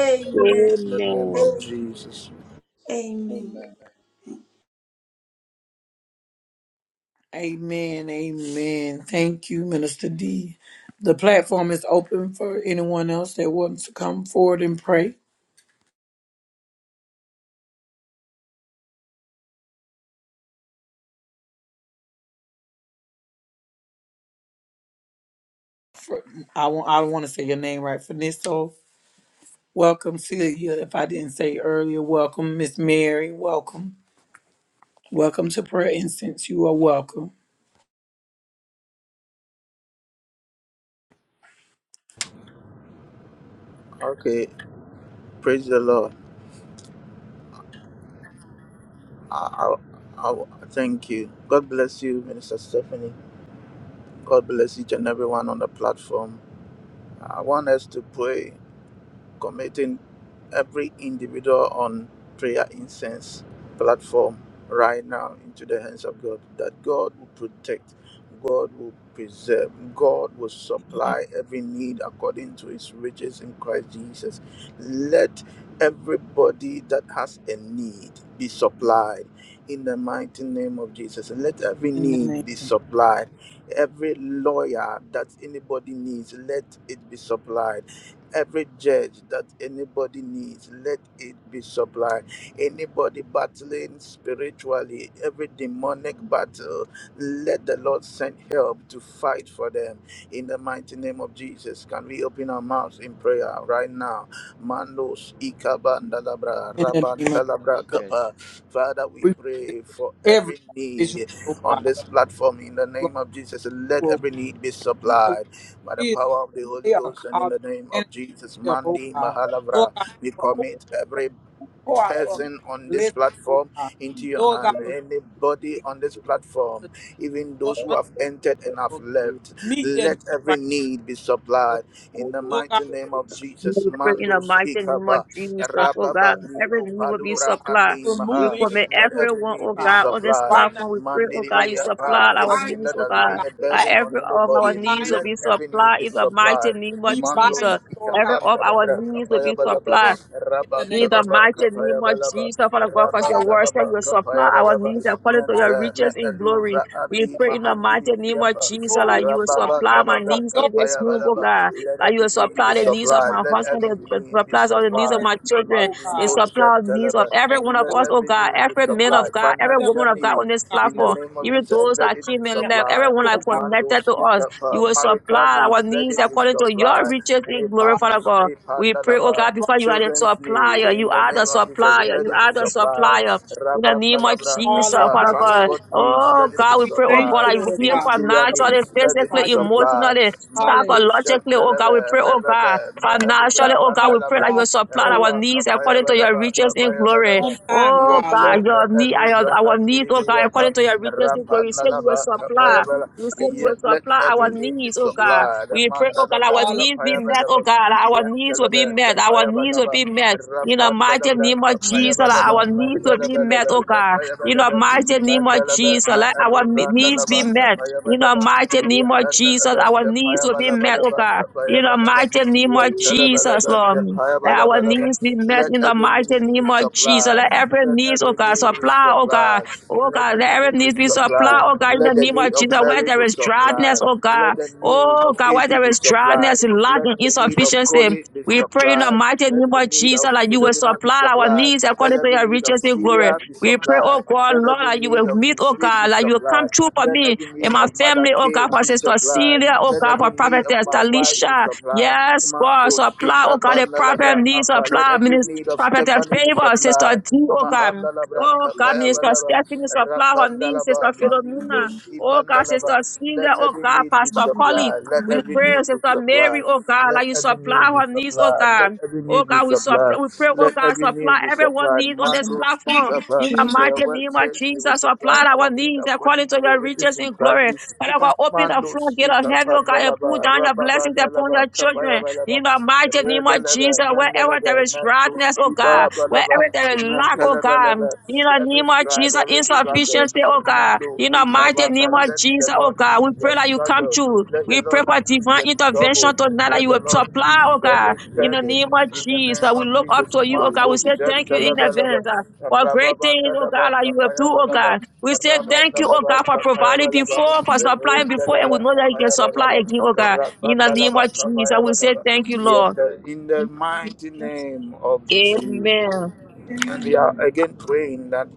In the name
Amen.
of
Amen.
Jesus.
Amen.
Amen.
Amen. Amen. Thank you, Minister D. The platform is open for anyone else that wants to come forward and pray. For, I want I want to say your name right. Finisso, welcome Celia. If I didn't say earlier, welcome Miss Mary. Welcome. Welcome to prayer incense. You are welcome.
Okay, praise the Lord. I, I, I thank you. God bless you, Minister Stephanie. God bless each and everyone on the platform. I want us to pray committing every individual on prayer incense platform right now into the hands of God that God will protect, God will preserve, God will supply every need according to his riches in Christ Jesus. Let everybody that has a need be supplied in the mighty name of Jesus. And let every need be supplied. Every lawyer that anybody needs, let it be supplied every judge that anybody needs let it be supplied anybody battling spiritually every demonic battle let the lord send help to fight for them in the mighty name of jesus can we open our mouths in prayer right now mandos ikabandalabra
In the name of
rabantalabra
Okay.
kapa. father we
we-
pray for
every
every
individual,
need
oh
on
God,
this platform in the
Lord,
name of jesus let
oh
every need be
God,
supplied
what
by the power of the Holy
they are
Ghost and in
called.
the name of Jesus.
them, oh
Mandi
God. Lord
Mahalavra,
God,
we
you will
commit every
pour out, Lord God,
person on this
listen, oh
platform
God.
into your
Lord God,
hand.
will
Anybody
really
on this
the
platform, even
door
those who
under,
have entered and have
Lord God.
left,
Meet their
let
need
every
right
need be
now,
supplied in the
Lord God,
mighty name of Jesus.
Pray in the
Mando
mighty name of
in their
Jesus,
body,
oh God,
Rababali
every need will be
Lord
Opaluvra
God.
supplied.
Ani
We
Remove
Maha.
any
commit
impurity,
Let every
everyone,
Lord
need
oh
be
God.
God, on this
supplied.
Right now,
platform. We pray, oh God, you
Mandiri
Lord God, we
supply
apa.
our
bind
Anything
needs,
up,
that
oh
has
Lord
God.
been
God,
a
That
burden
lack.
on
every of
We
our
anybody,
needs
bind
will
let
be
every
up,
need
supplied
be
in the mighty
supplied.
name of
we
Mando
bind
Jesus.
up, Lord God,
Every of
Sikapanda
our
Labra
needs will
Kapaya
be
our
balaba.
supplied.
wrong in the
In
name of
the
Rabandalaba
Jesus.
mighty name of
Kapayabalaba
Jesus, oh, Father
Lord
God,
Rabandalaba balaba.
because your
God, I
Rabanda
word
Laba
said you
Kapaya
supply
pray
our
Balaba
needs according to
by
your
Nanta
riches in glory.
Me'eluvra
We
Ani
pray in the
Mahandi
mighty name of
Libriapa
Jesus
glory,
that you will
Lord God.
supply my
We are
needs
your
in
evidence.
this home, oh God.
let
That you
every
will
need be
supply the needs of
supplied.
my
Let
husband,
every
that
need be
supplies all the needs of
supplied.
Hallelujah,
my children,
oh
Mandi
they
God.
supply the
We
needs of
koshantalaba.
every
thank
one of
you,
Let
us, oh
Lord.
every
God,
need be
every man
supplied.
of God, every
Hallelujah.
Financial
woman of God
need,
on this
God,
in
we
the
platform,
lift you
name of
up,
even
oh
Jesus,
those
let
that
it be
came and left,
supplied.
everyone that
God. And honor
Mando
connected to us.
speaker,
You will
marital
supply our
needs, let
needs
it be
according to
you,
your
supplied.
riches in glory, Father
Epandos,
God. We pray, oh
Epandalaba,
God, because you are the
children's need
supplier. You
in the
are the
name of Jesus.
supplier.
Let
You
it be
are the
supplied.
supplier. In the
oh God.
name of
Rabandalabra
Jesus,
Hallelujah.
Kappa,
Father God.
Hallelujah.
transport needs,
Oh
let it
Lord,
be
God, we
we
pray, oh
thank
God,
supplied.
you,
that you will
Lord
heal
God,
Ministerial
for being
financially,
needs, let
a
it be
physically,
provider, Lord.
supplied.
emotionally,
Hallelujah.
Mako
psychologically. Oh God, we
Shantalebe,
pray, oh God,
Rebebe,
financially.
Mehelubra
Oh God,
Never
we pray that you
allow us
will
Bandalaba.
to
supply
go
our
Raba
without
needs
kapaya
according to your
balaba
riches in
kapaya
glory.
balaba
on time,
Oh
God,
yente
Lord.
God,
me
your need, our,
eluvra
our
andiri
needs, oh God,
Amen.
according to your riches in
rapa
glory. You say you
nalaba
will
the name
kapaya
supply.
bala
You
of
say you
Ye-
will
let
supply
we
every
our
do
need be
needs, oh God.
supplied
We pray, oh God, our
mandalabra
all it,
needs be
kapaya
met, oh
balaba
God. Our
yente
needs will be met. Our
kapaya
needs will
balaba
be met. In the mighty
Rapandalabra,
name of Jesus,
Kapayabalaba,
our needs will be met,
Mandalabalaba,
oh God. In the
Kapayabalaba,
mighty name of
Mandalaba,
Jesus, let
Ma'alu,
our me- needs
Randalaba,
be met. In the
Kapayabalaba,
mighty name of Jesus,
Yakandalaba,
our needs will be met, oh
Kapayabalabalaba,
God. In the
Kapayabalaba,
mighty name of Jesus,
Yakalabalaba,
Lord. Let our
Kapayabalabalaba.
needs be met
Let
in the
every
mighty
need be
name of Jesus.
supplied.
Let every
Let
needs, oh
every
God,
need be
supply, oh God.
supplied.
Oh
Let
God, let
every need
every
be
need be supplied,
supplied.
oh God, in the
Let the
name
need
of
of
Jesus. Where
Mary
there
be
is dryness,
supplied.
oh God.
Let the need
Oh
of
God, where
Adu
there
be
is
supplied.
dryness, lack,
Let
and
the need of
insufficiency,
Koli be
we pray in the
supplied.
mighty
Let
name
the
of
need
Jesus
of
that you will
Philomena be
supply our
supplied.
needs
Let
according to
every
your
need of
riches in glory.
Syria be
We pray,
supplied.
oh God,
Let
Lord,
every
that you
need
will
of
meet,
the
oh
Smith be
God, that you will come
supplied.
true for
Let
me
every
and
need
my
of Mother
family, oh
K
God, for
be
Sister
supplied.
Celia, oh
Let
God,
every
for
need of
Prophetess
my wife be
Talisha.
supplied.
Yes, God, supply, oh God, the prophet needs
Let
supply,
every
minister.
need of
prophetess,
Stephanie be
favor, Sister
supplied.
D, oh God.
Mahandalabra,
Oh God, Minister
Kapayabalaba,
Stephanie, supply her needs, Sister
Rapandalaba,
Philomena.
Mandibros,
Oh God,
Ipandalaba.
Sister
Let
Celia, oh
every
God,
need be
Pastor Collie,
supplied. Let
we
every
pray,
need be
Sister Mary,
supplied.
oh God,
Let
like you
every
supply
need be
her needs, oh
supplied. Let
God.
every
Oh
need be
God, we supply,
supplied.
we pray, oh
Let
God,
every
supply
need be
everyone
supplied.
needs on this
Mando
platform.
Skikapa.
In the
For your
mighty
word
name of
says we will
Jesus,
supply
supply our
our need
needs
according
according
to
to
your
your riches
riches in
in
Christ
glory.
Jesus.
Father
God.
God, open the floor,
Mandos
get of heaven,
ikapa
oh God, and pull
nalaba
down your
rababa
blessings upon
nalaba
your
kapaya
children.
balaba
In the mighty name of
redalaba
Jesus, wherever
nandalaba
there is
natos
dryness, oh
iba
God,
balaba
wherever
Hallelujah.
there is lack, oh
nantalaba
God,
laba
in the
every
name of
strive
Jesus,
every struggle
insufficiency, oh God,
mendo
in the mighty
ipaba
name
na-
of
let the
Jesus, oh
Lord
God, we
ease
pray
their
that you come
struggle
true.
let the
We pray
Lord
for
ease the
divine
trouble
intervention tonight that
let
you
the
will
Lord
supply,
ease
oh God,
every
in the
burden
name of
in the
Jesus.
name
We
of
look up
Jesus
to you, oh God. We
Marcos
say thank you in
gentalaba laba
advance. uh, For great
rababa
things, oh God,
nalaba
that you will
kapaya
do, oh
balaba
God. We say thank you, oh
Rabandalaba
God, for
kapaya
providing
balaba,
before, for supplying before, and
irrendalaba
we know that you can
kapaya
supply
balaba,
again, oh God. In the name
rabandalaba
of Jesus,
kapaya
we say
balaba.
thank you,
Yes,
Lord.
uh, In the
Thank you,
mighty
Jesus.
name of Jesus.
Amen.
Amen.
And we are again praying that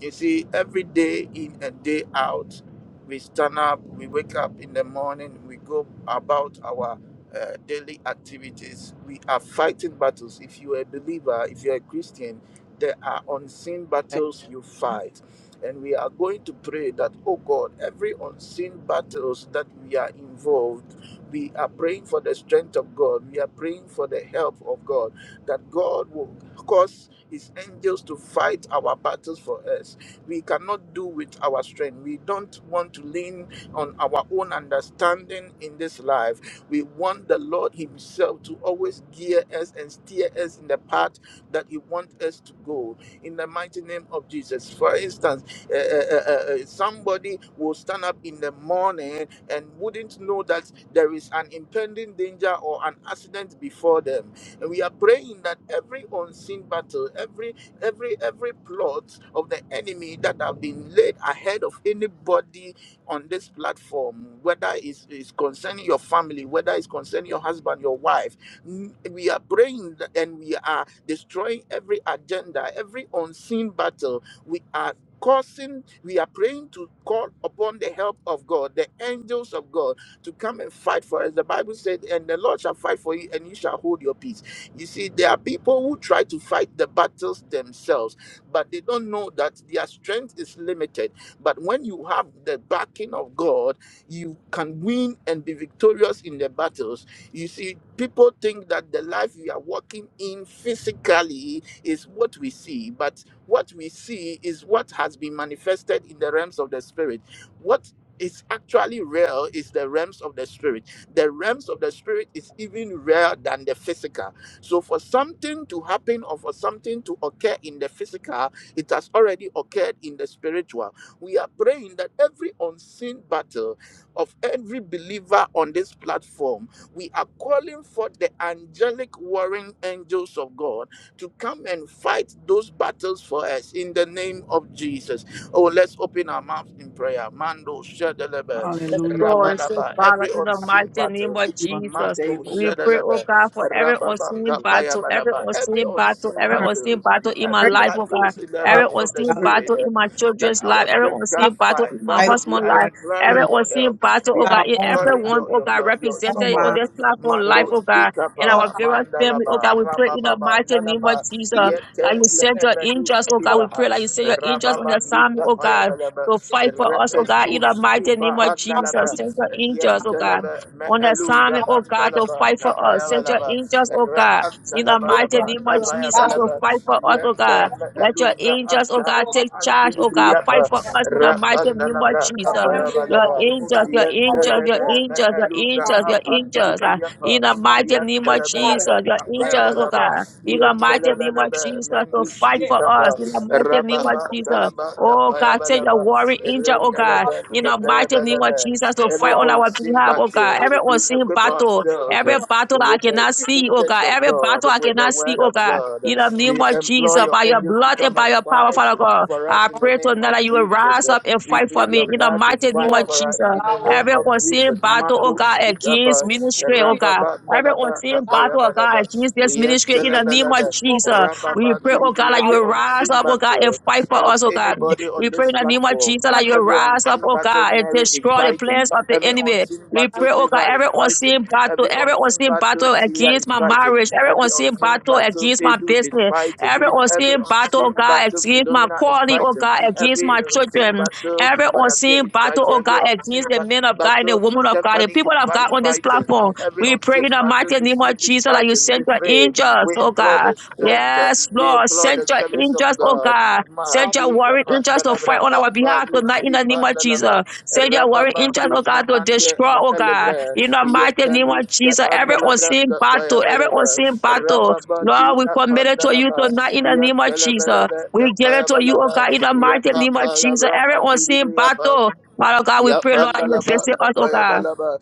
you see, every day in and day out, we stand up, we wake up in the morning, we go about our uh, daily activities. We are fighting battles. If you are a believer, if you are a Christian, there are unseen
Amen.
battles you fight. And we are going to pray that, oh God, every unseen battles that we are involved, we are praying for the strength of God. We are praying for the help of God, that God will cause his angels to fight our battles for us. We cannot do with our strength. We don't want to lean on our own understanding in this life. We want the Lord Himself to always gear us and steer us in the path that He wants us to go. In the mighty name of Jesus. For instance, uh, uh, uh, uh, somebody will stand up in the morning and wouldn't know that there is an impending danger or an accident before them and we are praying that every unseen battle, every every every plot of the enemy that have been laid ahead of anybody on this platform, whether it's, it's concerning your family, whether it's concerning your husband, your wife, n- we are praying that- and we are destroying every agenda, every unseen battle. We are causing we are praying to call upon the help of god the angels of god to come and fight for us the bible said and the lord shall fight for you and you shall hold your peace you see, there are people who try to fight the battles themselves, but they don't know that their strength is limited. But when you have the backing of God, you can win and be victorious in the battles. You see, people think that the life we are walking in physically is what we see, but what we see is what has been manifested in the realms of the spirit. What is actually real is the realms of the spirit. The realms of the spirit is even realer than the physical. So, for something to happen or for something to occur in the physical, it has already occurred in the spiritual. We are praying that every unseen battle of every believer on this platform, we are calling for the angelic warring angels of God to come and fight those battles for us in the name of Jesus. Oh, let's open our mouths in prayer. Mando, Shedelebe,
Yes,
Hallelujah.
Lord.
Oh,
And So,
Rabadaba, every
Father, in the
unseen
mighty name
for
battles.
of
you on
Jesus,
today,
Mando,
Lord.
we pray, oh
Shedelebe.
God, for every unseen battle, every
Rababakapayabalaba. Every
unseen battle,
unseen
every
Learn.
unseen
battles,
battle in my
Pray,
every
oh
life, oh God.
battles in the
God,
Every
realms of the
for
unseen
the
spirit
battle
eh,
in my
that
children's
our
life, every
strength can
valid.
unseen battle
fight.
in my
Father,
excited
we
husband's
are
about
life,
it. our
every
Own,
imploring your
unseen
help.
battle,
We
oh
are
God,
our
in
own
imploring
body,
everyone,
your
oh
your
God,
your, your
our own
represented on
mind,
support.
this platform life,
Lord.
Mando
oh God, in
Lord
our
ikapa
God,
various family, oh
mandalaba
God, we pray in the
rababa
mighty name of
nalaba
feed
Jesus,
it.
like you
yete le
sent your
evedu
angels, oh God,
Lord
we
skibaha
pray like you sent your angels on the
rababa
assignment, oh God,
ikapayabalaba
to fight
re
for us, oh God, in
edu
the mighty name of Jesus. Send your angels, oh God.
Yantalaba
On the
Me'elura
assignment, oh God, to
Andalaba
fight for us. Send your
Kapayabalaba
angels, oh
Ra
God, in the
God, Lord
mighty
God,
Antalabalaba
name of
will
Jesus,
allow
to
Kapayabalaba
you,
fight for us, oh
Yanta
God. Let your
Me'elura
angels, oh
Anta
God,
Lord
take
Ma'andi
charge,
God,
oh God. Fight
Libriyapa
thank
for
you,
us in the
Lord
mighty name of
Rapandalabra
God, to handle
Jesus.
it
Your
Kapayabalaba
all, Lord
angels,
God. You
your
already
angels, your
won,
Yantalaba
angels, your
Lord
Me'elura
God,
angels,
but
your
you
Apandi
have
angels.
your
ah, in
Libriyapa
Lord
the
God
mighty name
and
of
battle
Jesus,
Yantalabalaba
your
daily,
angels, oh
Lord
Kapayabalaba
God.
God. In the mighty name of
Yantalabalaba
Jesus, to
Mendus
fight
Yes,
for us.
Itaba
In the mighty name
oh
of
God,
Rababa
Jesus.
Talaba
Oh God, send your
Kapayabalaba
warring angel, oh God,
Rendalaba,
in the
Kapayabalaba,
hallelujah,
mighty name of Jesus to fight
Every
hallelujah,
on our
unseen
behalf,
Lord
oh God.
battle,
God.
Every
we
unseen
equip
battle,
ourselves uh,
every battle that I
with the
cannot
Here,
see, oh
scriptures
God,
of
every
God,
battle I
with the
cannot see,
word
oh
of
God.
God.
In the name
We
of
employ
Jesus,
right
your
by your
angels to
blood and
come
by
and
your
now,
power,
fight
Lord,
Father God,
for us
I
in the
pray
name
tonight
right
of
that you will
Jesus.
rise
Uh,
up and
We
now,
fight for
plead
me
your
in the
blood to
mighty name
fight
of
Lord
for
Jesus.
us
God,
in the
allow us
name
Every
of
unseen
Jesus.
battle, oh
Mando
God,
speak up,
against
uh,
ministry,
to
oh
be,
God.
Rababanda
Every
la
unseen
allow
battle,
us,
oh God, against this ministry in the name of Jesus.
Lord,
We pray, oh God, that you
every
will
hallelujah,
rise
unseen
up, oh God, and
battle
fight for
of
us, oh God.
anybody on
We pray
this
in the name of
platform.
Jesus that you
praise,
will
Every
rise up,
unseen
oh
battle
God, and
Mary is
destroy the
fighting.
plans of the
Every
enemy.
unseen
We
battle
pray, oh God,
favor is
every
fighting.
unseen battle,
Every
every
unseen
unseen
battle
battle
Celia
against
is
my
fighting.
marriage, every
Every
unseen
unseen
battle
battle
against my
Edu is
business,
fighting.
every
Every
unseen battle, oh
unseen
God,
battle
against my
Philomena is
calling, oh
fighting.
God, against
Every
my
unseen
children,
battle
every
Mother K
unseen
is
battle,
fighting.
oh
Every
God,
unseen
against the
ba-
men of God and the
battle
women of God, the
Stephanie is
people of God
fight-
on this
fighting.
platform.
Every
We pray
unseen
in the
battle
mighty
this
name of
Smith is
Jesus that you
fighting. We
send your
pray.
angels,
We
oh
implore
God.
the strength.
Yes,
We
Lord,
implore
send
the
your
service of
angels, oh
God.
God. Send your
Mahandi
warring angels to fight
kapandalabra
on our behalf
apalu
tonight in the name of
ipandalaba
Jesus. Send your warring angels, oh
rababandi
God, to
maande
destroy, oh God,
meelevre
in the mighty name
yetendu
of Jesus. Every
kapandalabra
unseen battle, every
kapayabalaba
unseen battle, Lord,
rababandi
we commit it to you
apandalaba
tonight in the name of Jesus.
yekelebelebe
We give it to you, oh
kapayabalaba
God, in the mighty name of Jesus.
yekapalabra
Every unseen
andiribi yapa
battle, Father God, we pray, Lord, that you
yapandalaba
visit us, oh God.
kapayabalaba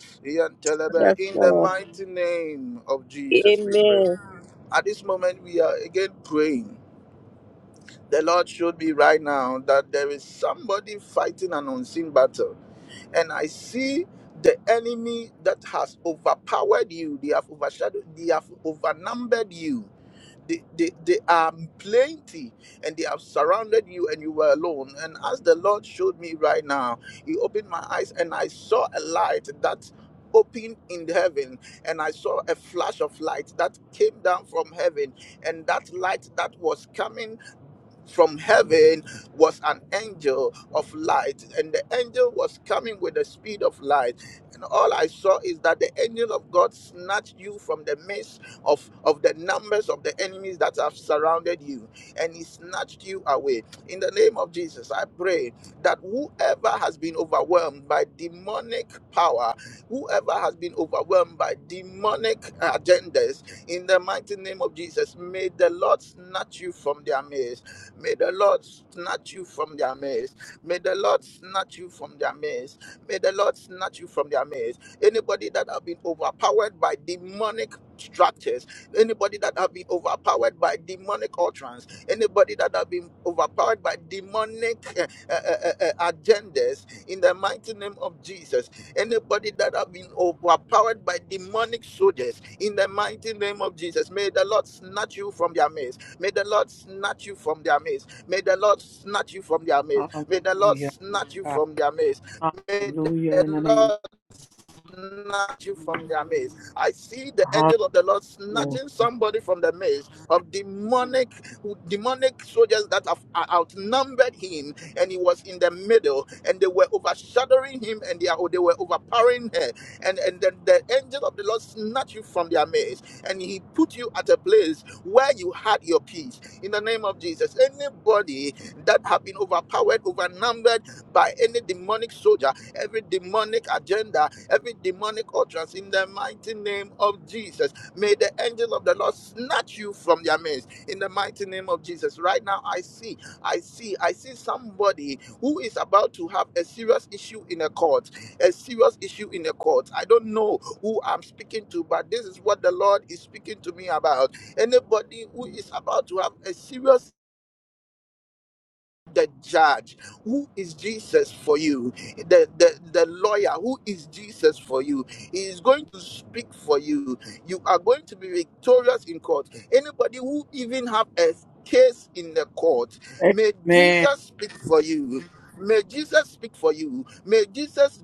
Yes,
yentelebe. In the
Lord.
mighty name of Jesus, we pray.
Amen.
At this moment, we are again praying. The Lord showed me right now that there is somebody fighting an unseen battle. And I see the enemy that has overpowered you, they have overshadowed, they have overnumbered you they, they, they are plenty and they have surrounded you and you were alone and as the lord showed me right now he opened my eyes and i saw a light that opened in heaven and i saw a flash of light that came down from heaven and that light that was coming from heaven was an angel of light, and the angel was coming with the speed of light. And all I saw is that the angel of God snatched you from the midst of, of the numbers of the enemies that have surrounded you, and he snatched you away. In the name of Jesus, I pray that whoever has been overwhelmed by demonic power, whoever has been overwhelmed by demonic agendas, in the mighty name of Jesus, may the Lord snatch you from their midst May the Lord snatch you from their midst. May the Lord snatch you from their midst. May the Lord snatch you from their midst. Anybody that have been overpowered by demonic structures, anybody that have been overpowered by demonic utterance, anybody that have been overpowered by demonic eh, eh, eh, eh, eh, agendas, in the mighty name of Jesus, anybody that have been overpowered by demonic soldiers, in the mighty name of Jesus, may the Lord snatch you from their midst. May the Lord snatch you from their midst. May the Lord snatch you from their midst.
hallelujah.
May the Lord
Hallelujah.
snatch you from their midst. May the
Hallelujah in the
Lord
name
snatch you from their maze. I see the
of
angel of the Lord
Hallelujah.
snatching somebody from the maze of demonic demonic soldiers that have uh, outnumbered him, and he was in the middle, and they were overshadowing him, and they, are, they were overpowering her. And and then the angel of the Lord snatched you from their maze, and he put you at a place where you had your peace. In the name of Jesus, anybody that have been overpowered, overnumbered by any demonic soldier, every demonic agenda every demonic utterance in the mighty name of Jesus. May the angel of the Lord snatch you from their midst in the mighty name of Jesus. Right now, I see, I see, I see somebody who is about to have a serious issue in a court, a serious issue in a court. I don't know who I'm speaking to, but this is what the Lord is speaking to me about. Anybody who is about to have a serious the judge who is jesus for you the, the the lawyer who is jesus for you he is going to speak for you you are going to be victorious in court anybody who even have a case in the court may
Man,
jesus speak for you may jesus speak for you may jesus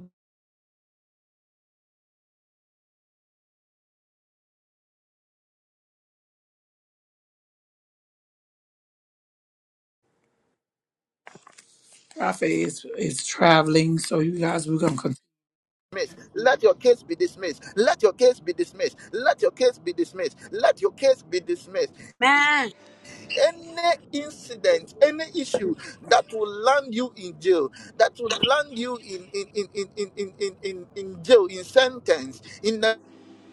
prophet is, is traveling, so you guys, we're going to continue.
dismiss let your case be dismissed let your case be dismissed let your case be dismissed let your case be dismissed
Amen.
any incident, any issue that will land you in jail, that will land you in in in in in in in, in in jail, in sentence, in the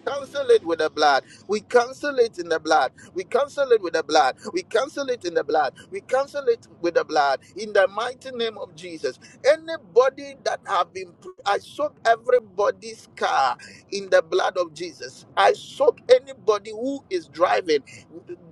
cancel it with the blood. We cancel it in the blood. We cancel it with the blood. We cancel it in the blood. We cancel it with the blood. In the mighty name of Jesus. Anybody that have been, I soak everybody's car in the blood of Jesus. I soak anybody who is driving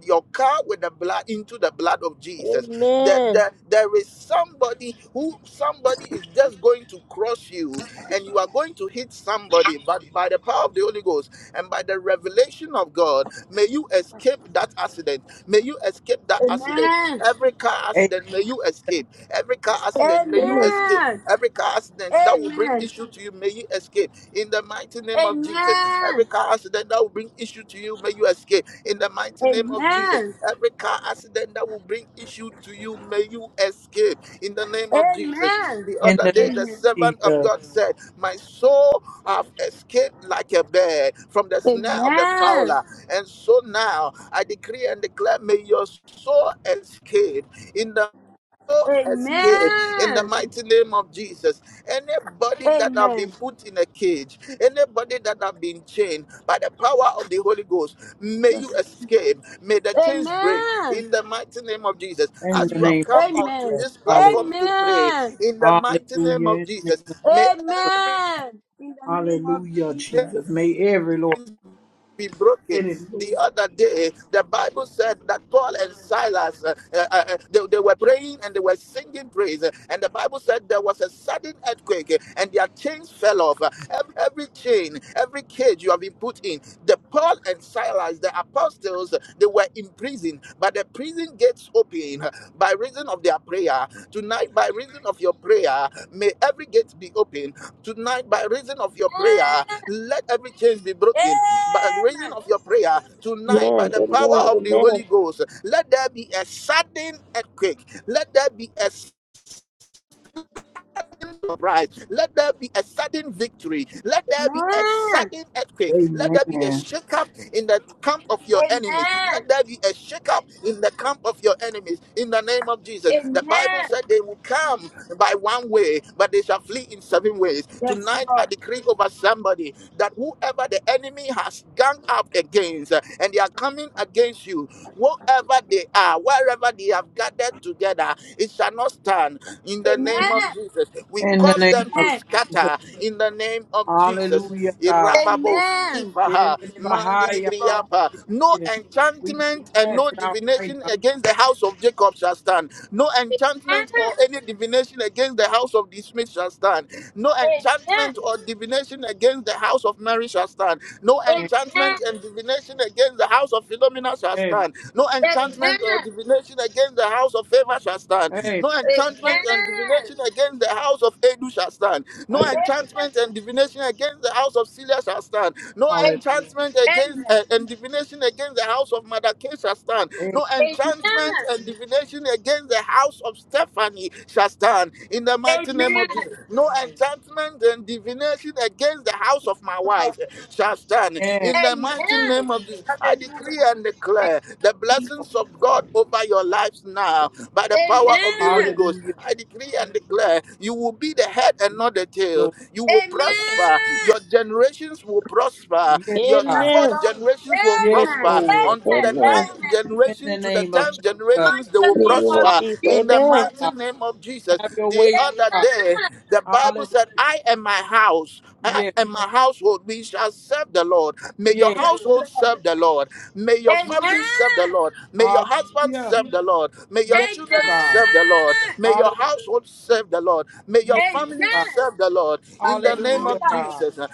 your car with the blood into the blood of Jesus. That
Amen.
there, there there is somebody who somebody is just going to cross you and you are going to hit somebody, but by the power of the Holy Ghost. And by the revelation of God, may you escape that accident. May you escape that accident. Every car
Amen.
accident, may you escape. Every car accident, may you escape.
Amen.
Every car accident that will bring
Amen.
issue to you, may you escape. In the mighty name of Jesus. Every
Amen.
car accident that will bring issue to you, may you escape. In the mighty name of Jesus.
Amen.
Every car accident that will bring issue to you, may you escape. In the name of Jesus.
Amen.
The
In
other
the
day, the
Amen.
name of
servant of
Jesus.
God said, My soul have escaped like a bird from the
Amen. Amen.
snare of the fowler. And so now I decree and declare, may your soul escape in the soul
Amen.
Amen.
escape in the mighty name of Jesus. Anybody that have been
Amen.
put in a cage, anybody that have been chained by the power of the Holy Ghost, may you escape. May the chains break
Amen.
in the mighty name of Jesus.
In
As
the
you
Amen.
name
have
of
come on to
Amen.
Jesus.
this
Hallelujah.
platform to pray, in the mighty name
Hallelujah.
of
In the name
Jesus, may
of Jesus.
Amen. In the name of
Hallelujah,
Jesus.
Jesus. May every Lord.
be broken. The other day, the Bible said that Paul and Silas, uh, uh, uh, uh, they, they were praying and they were singing praise. And the Bible said there was a sudden earthquake uh, and their chains fell off. Uh, ev- Every chain, every cage you have been put in. The Paul and Silas, the apostles, uh, they were in prison, but the prison gates open uh, by reason of their prayer. Tonight, by reason of your prayer, may every gate be open Tonight, by reason of your prayer, let every chains be broken. By reason of your prayer, tonight, by
Amen.
the power of the
Amen.
Holy Ghost, let there be a sudden earthquake. Let there be a surprise. Let there be a sudden victory. Let there be a
Amen.
sudden earthquake. Let there be a
Amen.
shakeup in the camp of your enemies. Let there be a shakeup in the camp of your enemies. In the name of Jesus. The Bible said they will come by one way, but they shall flee in seven ways.
Yes,
Tonight, I
Lord.
decree over somebody that whoever the enemy has ganged up against uh, and they are coming against you, wherever they are, wherever they have gathered together, it shall not stand in the
Amen.
name of Jesus. We
In the
cause
name
them
of
to
Amen.
Jesus.
scatter in the name of Jesus.
Hallelujah, God.
Irababo
Amen.
skivaha,
Yelelebahaya
mandidibriyapa. No
kasirin. We
enchantment and
cast
no
it out right
divination
now.
against the house of Jacob shall stand. No enchantment or
Amen.
any divination against the house of the Smith shall stand. No enchantment
Amen.
or divination against the house of Mary shall stand. No enchantment and divination against the house of Philomena shall stand. No enchantment or divination against the house of favor shall stand. No
Amen.
enchantment and divination against the house of Edu shall stand. No enchantment and divination against the house of Celia shall stand. No
Amen.
enchantment against
Amen.
uh, and divination against the house of Madake shall stand. No
Amen.
enchantment and divination against the house of Stephanie shall stand. In the mighty name
Amen.
of Jesus. No enchantment and divination against the house of my
God.
wife shall stand.
Yes.
In the
Amen.
mighty name of Jesus, I decree
Hallelujah.
and declare the blessings of God over your lives now by the power of the Holy
Amen.
Ghost.
Hallelujah.
I decree and declare you will be the head and
Yes,
not the tail.
Lord.
You will prosper.
Amen.
Your generations will prosper.
Yes,
Your
God.
That's
fourth
Amen.
God.
generations will
Yes,
Amen.
prosper.
Lord.
Amen.
Unto the
Amen. Amen.
ninth
Amen.
In the
generation, to the
name of
tenth
In the
Jesus.
generations, they
mighty
will
In the
name
name of
of
Allah,
prosper.
Jesus.
In the
Jesus.
Amen.
mighty name of Jesus.
have your
The
way,
other
oh God.
day,
Amen.
the Bible
Hallelujah.
said, I and my house, I
Yes,
and my household, we shall serve the Lord. May your
yes.
Yes,
household
Lord.
serve the Lord. May your
Amen.
family serve the Lord. May your husband
Hallelujah.
serve the Lord. May your
Yes, oh
Amen.
children
God.
serve the Lord. May your
Hallelujah.
household serve the Lord. May your
Yes,
family
oh God.
Amen.
serve the Lord in
Hallelujah.
the
Amen.
name
Hallelujah,
of
God.
Jesus. uh,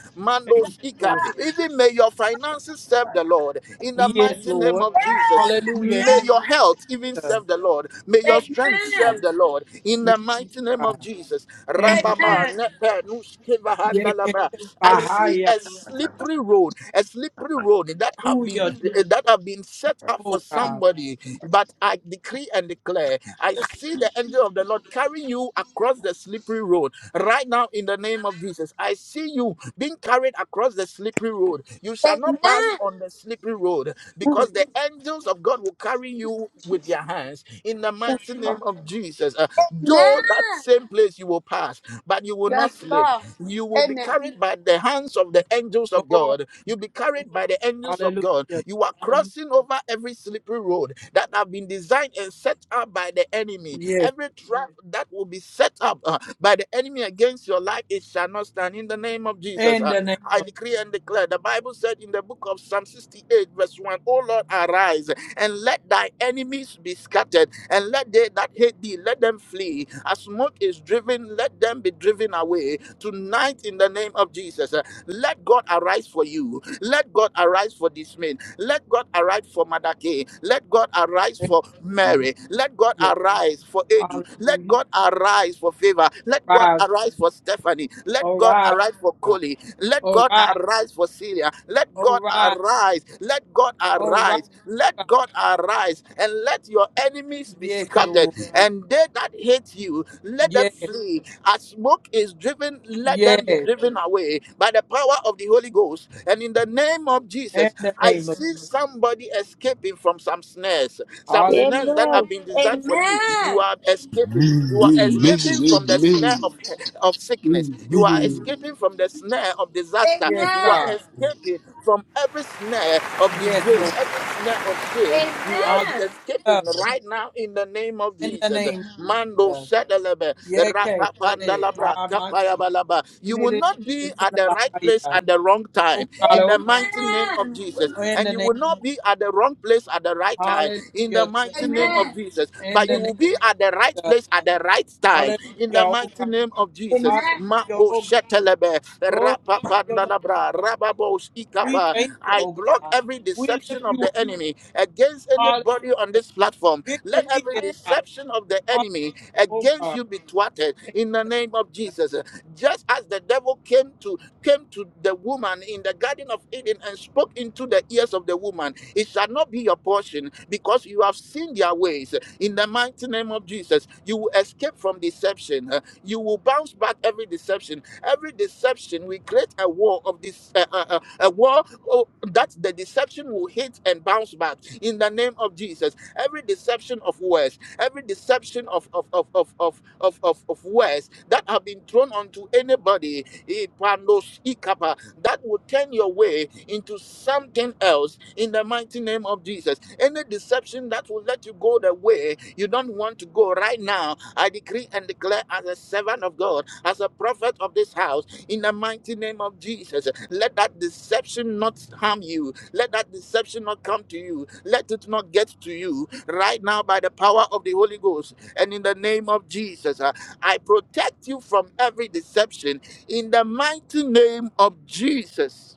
Thank
Mando
you,
Skika.
Lord.
Even may your finances serve the Lord in the
Yes,
mighty name
Lord.
of Jesus.
Hallelujah. In
May
the
your health even
God.
serve the Lord. May your
Amen.
strength serve the Lord in
Yes,
the mighty name
God.
of Jesus.
In
Amen.
the name.
Rababa,
Amen.
nepe, nuskeva,
Yes, yes,
handalaba.
yes.
I see
Bahaya.
a slippery road, a slippery road that have been
Hallelujah,
that have been set up
oh
for
God.
somebody. But I decree and declare, I see the angel of the Lord carrying you across the slippery road Right now, in the name of Jesus, I see you being carried across the slippery road. You shall not pass
Amen.
on the slippery road because the angels of God will carry you with their hands. In the
Yes,
mighty name of Jesus, uh,
Amen.
though that same place you will pass, but you will
Yes,
not slip.
Lord.
You will be
Amen.
carried by the hands of the angels of
Lord.
God. You'll be carried by the angels of God.
Hallelujah.
You are crossing over every slippery road that have been designed and set up by the enemy.
Yes.
Every trap that will be set up. uh, by the enemy against your life, it shall not stand in the name of Jesus.
In
Uh,
the name.
I decree and declare. The Bible said in the book of Psalm 68, verse 1, O Lord, arise and let thy enemies be scattered, and let they that hate thee, let them flee. As smoke is driven, let them be driven away. Tonight, in the name of Jesus, uh, let God arise for you. Let God arise for this man. Let God arise for Mother Let God arise for
Amen.
Mary. Let God
Yes.
arise for Edu. Let
Hallelujah.
God arise for Favor. Let God
Arise.
arise for Stephanie. Let God
Arise.
arise for
God.
Coley. Let God
Arise.
arise for Syria. Let God
Arise.
arise. Let God
All right.
arise.
God.
Let God arise and let your enemies be
Yes,
scattered.
Lord.
And they that hate you, let them
Yes.
flee. As smoke is driven, let
Yes.
them be driven away by the power of the Holy Ghost. And in the name of
In
Jesus,
the
I
name of
see somebody escaping from some snares, some snares that
Hallelujah.
have
Amen.
been designed for you. You
Amen.
are escaping. You are
Amen.
escaping from the snare of of sickness. You are escaping from the snare of disaster.
Yes,
You are
God.
Amen.
escaping from every snare of
Yes,
disgrace,
Lord.
every snare of shame. You are
Amen.
escaping
Hallelujah.
right now in the name of
In the
Jesus.
name of
Mando
Jesus.
shedelebe,
Yes, okay. Say,
rapapandalabra,
ah, my chief.
kapayabalaba.
You
You
need
will
it
not
to
be
get to
at
the
the right place
higher.
at the wrong
Oh,
time
God.
in
Oh,
the mighty name
Amen.
of Jesus.
God. in
And
the
you
name.
will not be at the wrong place at the right time
Hallelujah.
in the mighty name
Jesus.
of
Amen.
Jesus.
In
But
the
you
name
will be at the right
of Jesus.
place at the right time in the
Hallelujah. Oh,
mighty
God.
name of Jesus.
Amen.
Hallelujah.
Mako
Oh, God.
shetelebe,
Glory to your name, oh,
rapapandalabra,
God.
rababos
We
ikapa.
thank you,
I
oh,
block
God.
every
We lift
deception of
you up.
the enemy against
Hallelujah.
anybody on this platform. Let
Victory
every
is ours.
deception of the enemy
Oh
against
God.
you be thwarted
Thank
in the name of Jesus. Just as the devil came to came to the woman in the garden of Eden and spoke into the ears of the woman, it shall not be your portion because you have seen their ways in the mighty name of Jesus. You will escape from deception. uh, You will bounce back every deception. Every deception, we create a wall of this, uh, uh, uh, a wall oh, that the deception will hit and bounce back in the name of Jesus. Every deception of words, every deception of of of of of of, of, of words that have been thrown onto anybody Ipanos ikapa. That will turn your way into something else in the mighty name of Jesus. Any deception that will let you go the way you don't want to go right now, I decree and declare as a servant of God, as a prophet of this house, in the mighty name of Jesus, let that deception not harm you. Let that deception not come to you. Let it not get to you right now by the power of the Holy Ghost. And in the name of Jesus, uh, I protect you from every deception in the mighty name of Jesus.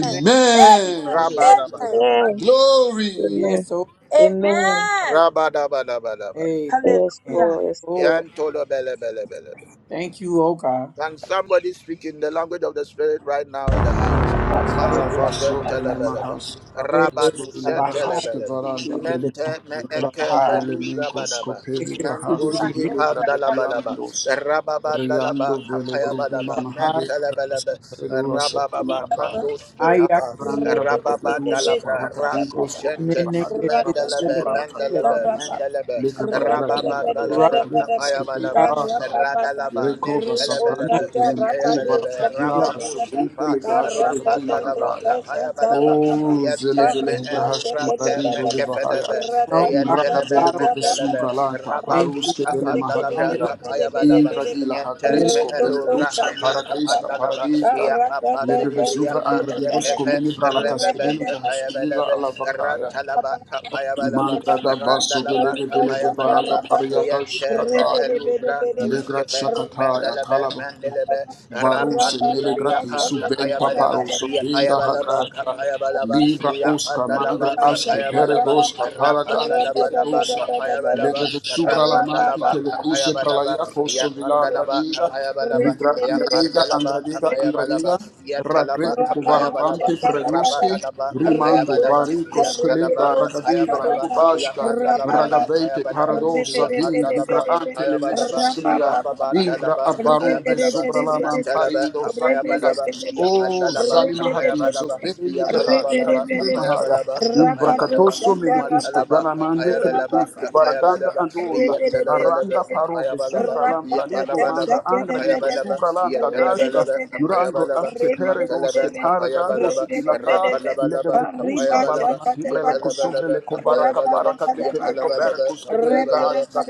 you, man.
Amen.
Hallelujah.
Amen.
Rabadabadabad.
Amen.
Glory.
Amen.
Yes, oh
Amen.
Amen.
Rabadabadabadabad.
amen.
Yes,
Hallelujah.
Lord. Yes,
Oh,
Lord.
Yantolo
thank you, oh God.
Can somebody speak in the language of the Spirit right now in the house?
Hallelujah.
Marco
Legrava sobre
Shentelebelebe,
nemahas rakistu
Yes,
Rabadu
the
legrahash
Baha'i
Shentelebelebe,
kevaranda.
seed, the Baha'i,
Mente me
the
Raki
eke
Baha'i.
veluza
velemenkos
badaba,
Yes,
kopeli brahas
Mentus
vile
the
ipandalabalaba,
graderiandos. Riando
Rababandalaba
vele gruvi
kapayabalaba,
Baha'i,
mamahade.
Mentelebelebe,
Raskapelu
and
Rabababa,
asakimahadaya.
Mandus
I
ikapa,
Rangra Bacopedusa,
Rababandalabra, Raku
Paralacatigros, Cobele
Shente,
recommend
Bahadi,
it, yes, seed,
Agrave
the
Mendelebe,
Subrana
Baha'i.
Mendelebe,
Catianus,
Mendelebe,
Legre Bagrahima Gatigana
Rush
Rababandalabra
Bricus,
the
Cotela
kapayabalaba,
Baha'i,
Hata,
Radalaba,
Recoba
not
Sabrante,
Mentelebelebe,
Telemcuba,
Kepelebelebe,
the Baha'i.
Catiaba,
Rababu
Sobrinte
Sipa,
Legasha, Catena
Rapandalaba,
Hagaya,
Kapayabalaba,
O Zele
Yente
Vele
me
Hubrahashima
eluvrante
Radizo
me
de Vahaya,
kefedebe,
No, God,
Indraga vele
Yentelebe,
God,
Mendelebe,
kopesuga lanta
thank
Rabandi
you,
paruske
oh God.
vele
Kapandalabra,
mahadia
Hallelujah.
Kapayabalaba,
ingradila
Yente me
hagrisko vele
eluvra
gruska
andi
paragriska
Kapandalaba,
paradiska
Yapa
ledeve zuvra
Pandilibriapa,
angradidos
Yepepe,
komini brala
Rebebe,
kaskediluga haskediza
Kapayabelebe,
ala vakaya
Rantalaba, Kapayabalaba,
mangrada vaso vele
Randalaba,
vele guva anga
Kapayabalaba,
paria
Yente me
kashakata
elubra
legra
tuskefe
shakata ya
mendelebe
kalaba
mendelebe
Varuse mele grati
rapandilibriyapa
subventa
kapayabalaba
paroso vinda
yakayabalaba
hagrasha
kapayabalaba
libra osca
yapandalaba
magra asche
kapayabalaba
peregosca paragandi
rapandalabalaba
velegosa
kapayabalaba
legge de subra la manti
rapandalaba
che le cuse pra la
kapayabalaba
ia posso vilagra
yapandalaba
diga
kapayabalaba
ritra angradiga
yapandalaba
angradiga
kapayabalaba
angradiga
yatalaba
ragrev
kapayabalaba
kuvarabante preduschi
radaba
rimando
kapayabalaba
barico
yatalaba
schelega
kapayaba
ragadibra legubasca
yapandalaba
ragavente
kapayabalaba
paradossa vindi graante le
Balaba,
vesusclia
Rababa,
Vingra
Dalaba, Papaya
abarube
Balaba,
sobra la
Nantalaba,
mantarido
Papaya
sakrida.
Balaba,
O
Yapandalaba,
zali
Papaya
mahadiz, o
Balaba,
beni grahaj,
Yapalabalaba,
kadile
Papaya
mahaya.
Balaba, Papaya Balaba,
Imbrakatoso melikiske,
Matalaba,
belamande
Papaya Balaba,
kelekuske,
Papaya
baraganda
Balaba,
andola.
Yatalabalaba,
Aranda
Papaya
parobe,
Balaba,
subra lam praligo
Yapalabalaba,
mangra, angra
Papaya
digo,
Balaba,
subra lam tagrashka.
Yatalabalaba, Papaya
Durango
Balaba,
aske pere doske
Mantalaba,
para
Papaya
gango su
Balaba,
dilaka lega
Rapalabalaba,
de kuska
Kapayabalaba,
balamati matibre le kosovre
Yatalabalaba,
le kobara
Kapayabalaba,
kapara kateke le kobara
Yatalabalaba,
kuska delega
Kapayabalaba,
ashka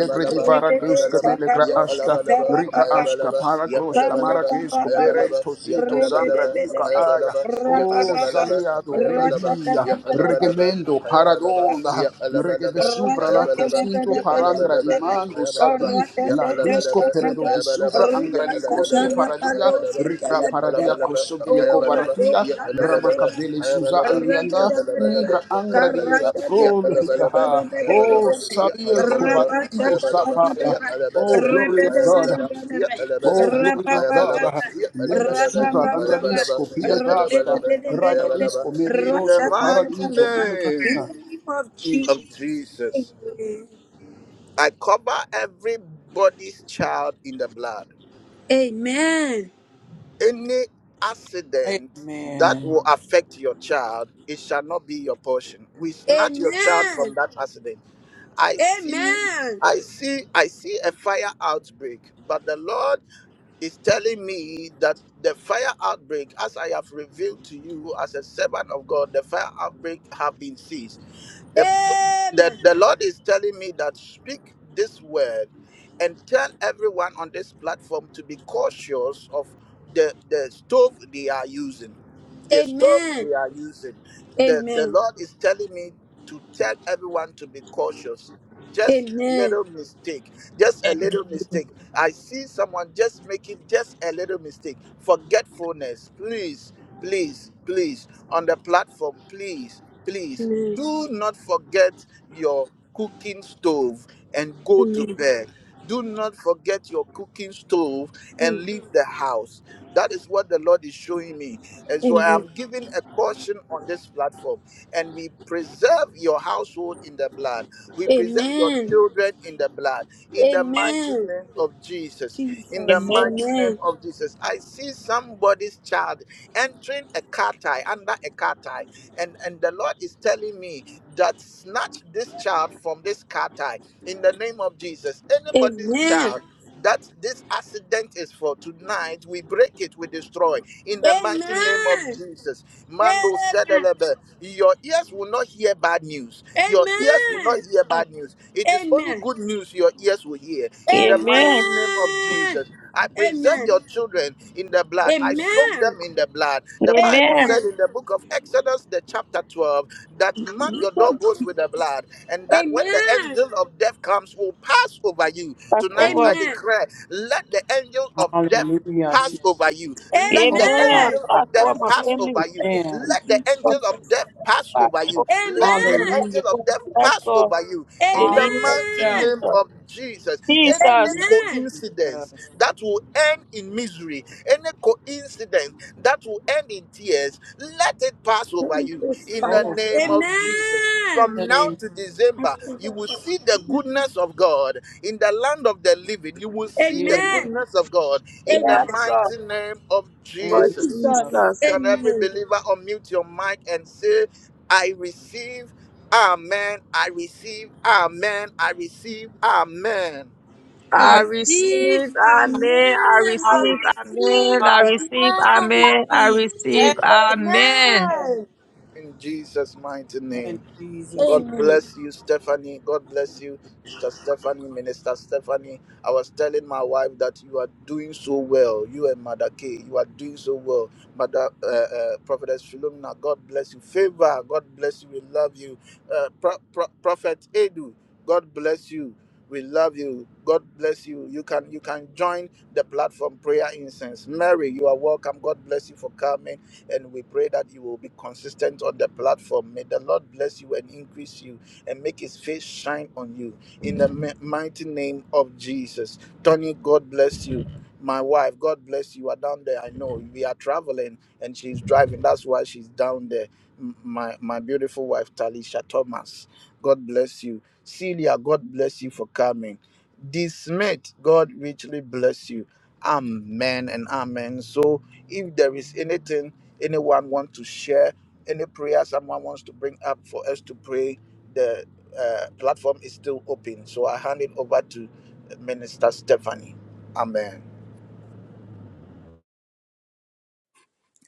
legre di vara guska
Kapayabalaba,
melegra ashka
Yatalabalaba,
rica asca
Kapayabalaba,
para groska mara
Yatalabalaba,
kesko
Kapayabalaba,
berento zito
Yatalabalaba, Kapayabalaba,
Oh,
Yatalabalaba,
Zaliado,
Kapayabalaba,
Velihia,
Yatalabalaba,
Regemendo,
Kapayabalaba,
Paradonda,
Yatalabalaba,
Regesuvra, La
Kapayabalaba,
Tosinto, Parangra, di
Yatalabalaba,
Mando, Savi,
Kapayabalaba,
Labrisco,
Alabalaba,
Peredo,
Kapayabalaba,
Vesuvra,
Yap
Angraligosche,
Alabalaba,
Paradia,
Kapayabalaba,
Ricra,
Yap
Paradia,
Alabalaba,
Crosso, Veleco,
Kapayabalaba,
Varatia,
Yap Alabalaba,
Ramacavele, Zuza,
Kapayabalaba, Yap
Alianda, Ingra,
Alabalaba,
Angradia,
Kapayabalaba, Yap
Gloria,
Alabalaba,
oh,
Kapayabalaba, Yap
Savio,
Alabalaba,
Covarindo,
Kapayabalaba,
Sapaya,
Yap
Oh,
Alabalaba,
glory of God.
Kapayabalaba, Yap
Oh,
Alabalaba,
glory of God,
Kapayabalaba, Yap
le
Alabalaba,
mesura,
Kapayabalaba,
l'angradisco, pile
Yap
grasta,
Alabalaba, Kapayabalaba.
ragradisco, mene
In the
grosco,
mighty
paradiso, pile
name
grasta.
of Jesus, I cover everybody's child in the blood.
Amen.
Any accident that
Amen.
will affect your child, it shall not be your portion. We snatch your child from
Amen.
that accident. I see, I see, I see a fire outbreak, but the Lord is telling me that the fire outbreak, as I have revealed to you as a servant of God, the fire outbreak have been ceased. The, the, the Lord is telling me that speak this word and tell everyone on this platform to be cautious of the the stove they are using the stove
Amen.
they are using
Amen.
the the
Amen.
lord is telling me to tell everyone to be cautious just a
Amen.
little mistake just a little mistake i see someone just making just a little mistake forgetfulness please please please on the platform please please do not forget your cooking stove and go to bed do not forget your cooking stove and leave the house that is what the Lord is showing me. And so I am giving a caution on this platform. And we preserve your household in the blood. We preserve your children in the blood. In the mighty name of Jesus. In the
Amen.
mighty name of Jesus. I see somebody's child entering a car tie, under a car tie. And, and the Lord is telling me that snatch this child from this car tie in the name of Jesus. Anybody's child that this accident is for tonight. We break it, we destroy. In the
Amen.
mighty name of
Amen.
Jesus. Mando Sedelebe. Your ears will not hear bad news. Your ears will not hear bad news.
Amen.
It is only
Amen.
good news your ears will hear. In the
Amen.
mighty
Amen.
name of
Amen.
Jesus. I preserve
Amen.
your children in the blood. I soak
Amen.
them in the blood. The Bible
Amen.
said
Amen.
in the book of Exodus, the chapter 12, that mark your doorposts with the blood and that when the
Amen.
angel of death comes, will pass over you.
Pass
Tonight
over.
I
Amen.
declare, let the angel of death
Hallelujah.
pass
Jesus.
over you. Let
Amen.
the
Oh God.
Amen.
angel
Pass
of death
over my
pass
family.
over you.
Amen.
Let the angel of death pass
Pass
over you.
over this
Let the
room. Pass
Amen.
Hallelujah.
angel of
over.
death
Yes,
pass
Lord.
over you.
In
In
the
Hallelujah.
the
name of
mighty
In
Jesus.
Amen.
name of Jesus,
the name
any
Jesus.
of
Amen.
coincidence
Jesus.
that will end in misery, any coincidence that will end in tears, let it pass over you.
This
In the
Oh
fire.
name
God.
of Jesus.
Amen.
In
From
the
now
name of
to
I
December,
feel
you will
that.
see the goodness of God in the land of the living. You will see the
yes.
Amen.
goodness of God
Yes,
in the
Amen.
Lord.
mighty name of
In the name
Lord
Jesus.
of
Jesus.
Jesus.
Can every
Amen.
believer unmute your mic and say, I receive, Amen, I receive, Amen, I receive, Amen.
I
I
I receive,
receive.
amen. I
Amen.
I
I
re-
receive,
receive.
amen. I
Amen.
receive,
I
Amen. I
amen. I
receive.
receive,
receive.
amen.
Amen.
In Jesus' mighty name.
In Jesus. name.
God bless you, Stephanie. God bless you, Mr. Stephanie, Minister Stephanie. I was telling my wife that you are doing so well. You and Mother K, you are doing so well. Mother uh, uh, Prophetess Philomena, God bless you. Favor, God bless you. We love you. Uh, Pro- Pro- Prophet Edu, God bless you. We love you. God bless you. You can you can join the platform prayer incense. Mary, you are welcome. God bless you for coming. And we pray that you will be consistent on the platform. May the Lord bless you and increase you and make his face shine on you. In the mi- mighty name of Jesus. Tony, God bless you. My wife, God bless you. You Are down there. I know we are traveling and she's driving. That's why she's down there. M- My my beautiful wife, Talisha Thomas. God bless you. Celia, God bless you for coming. D. Smith, God richly bless you. Amen and amen. So, if there is anything anyone want to share any prayer someone wants to bring up for us to pray the uh, platform is still open so i hand it over to minister stephanie amen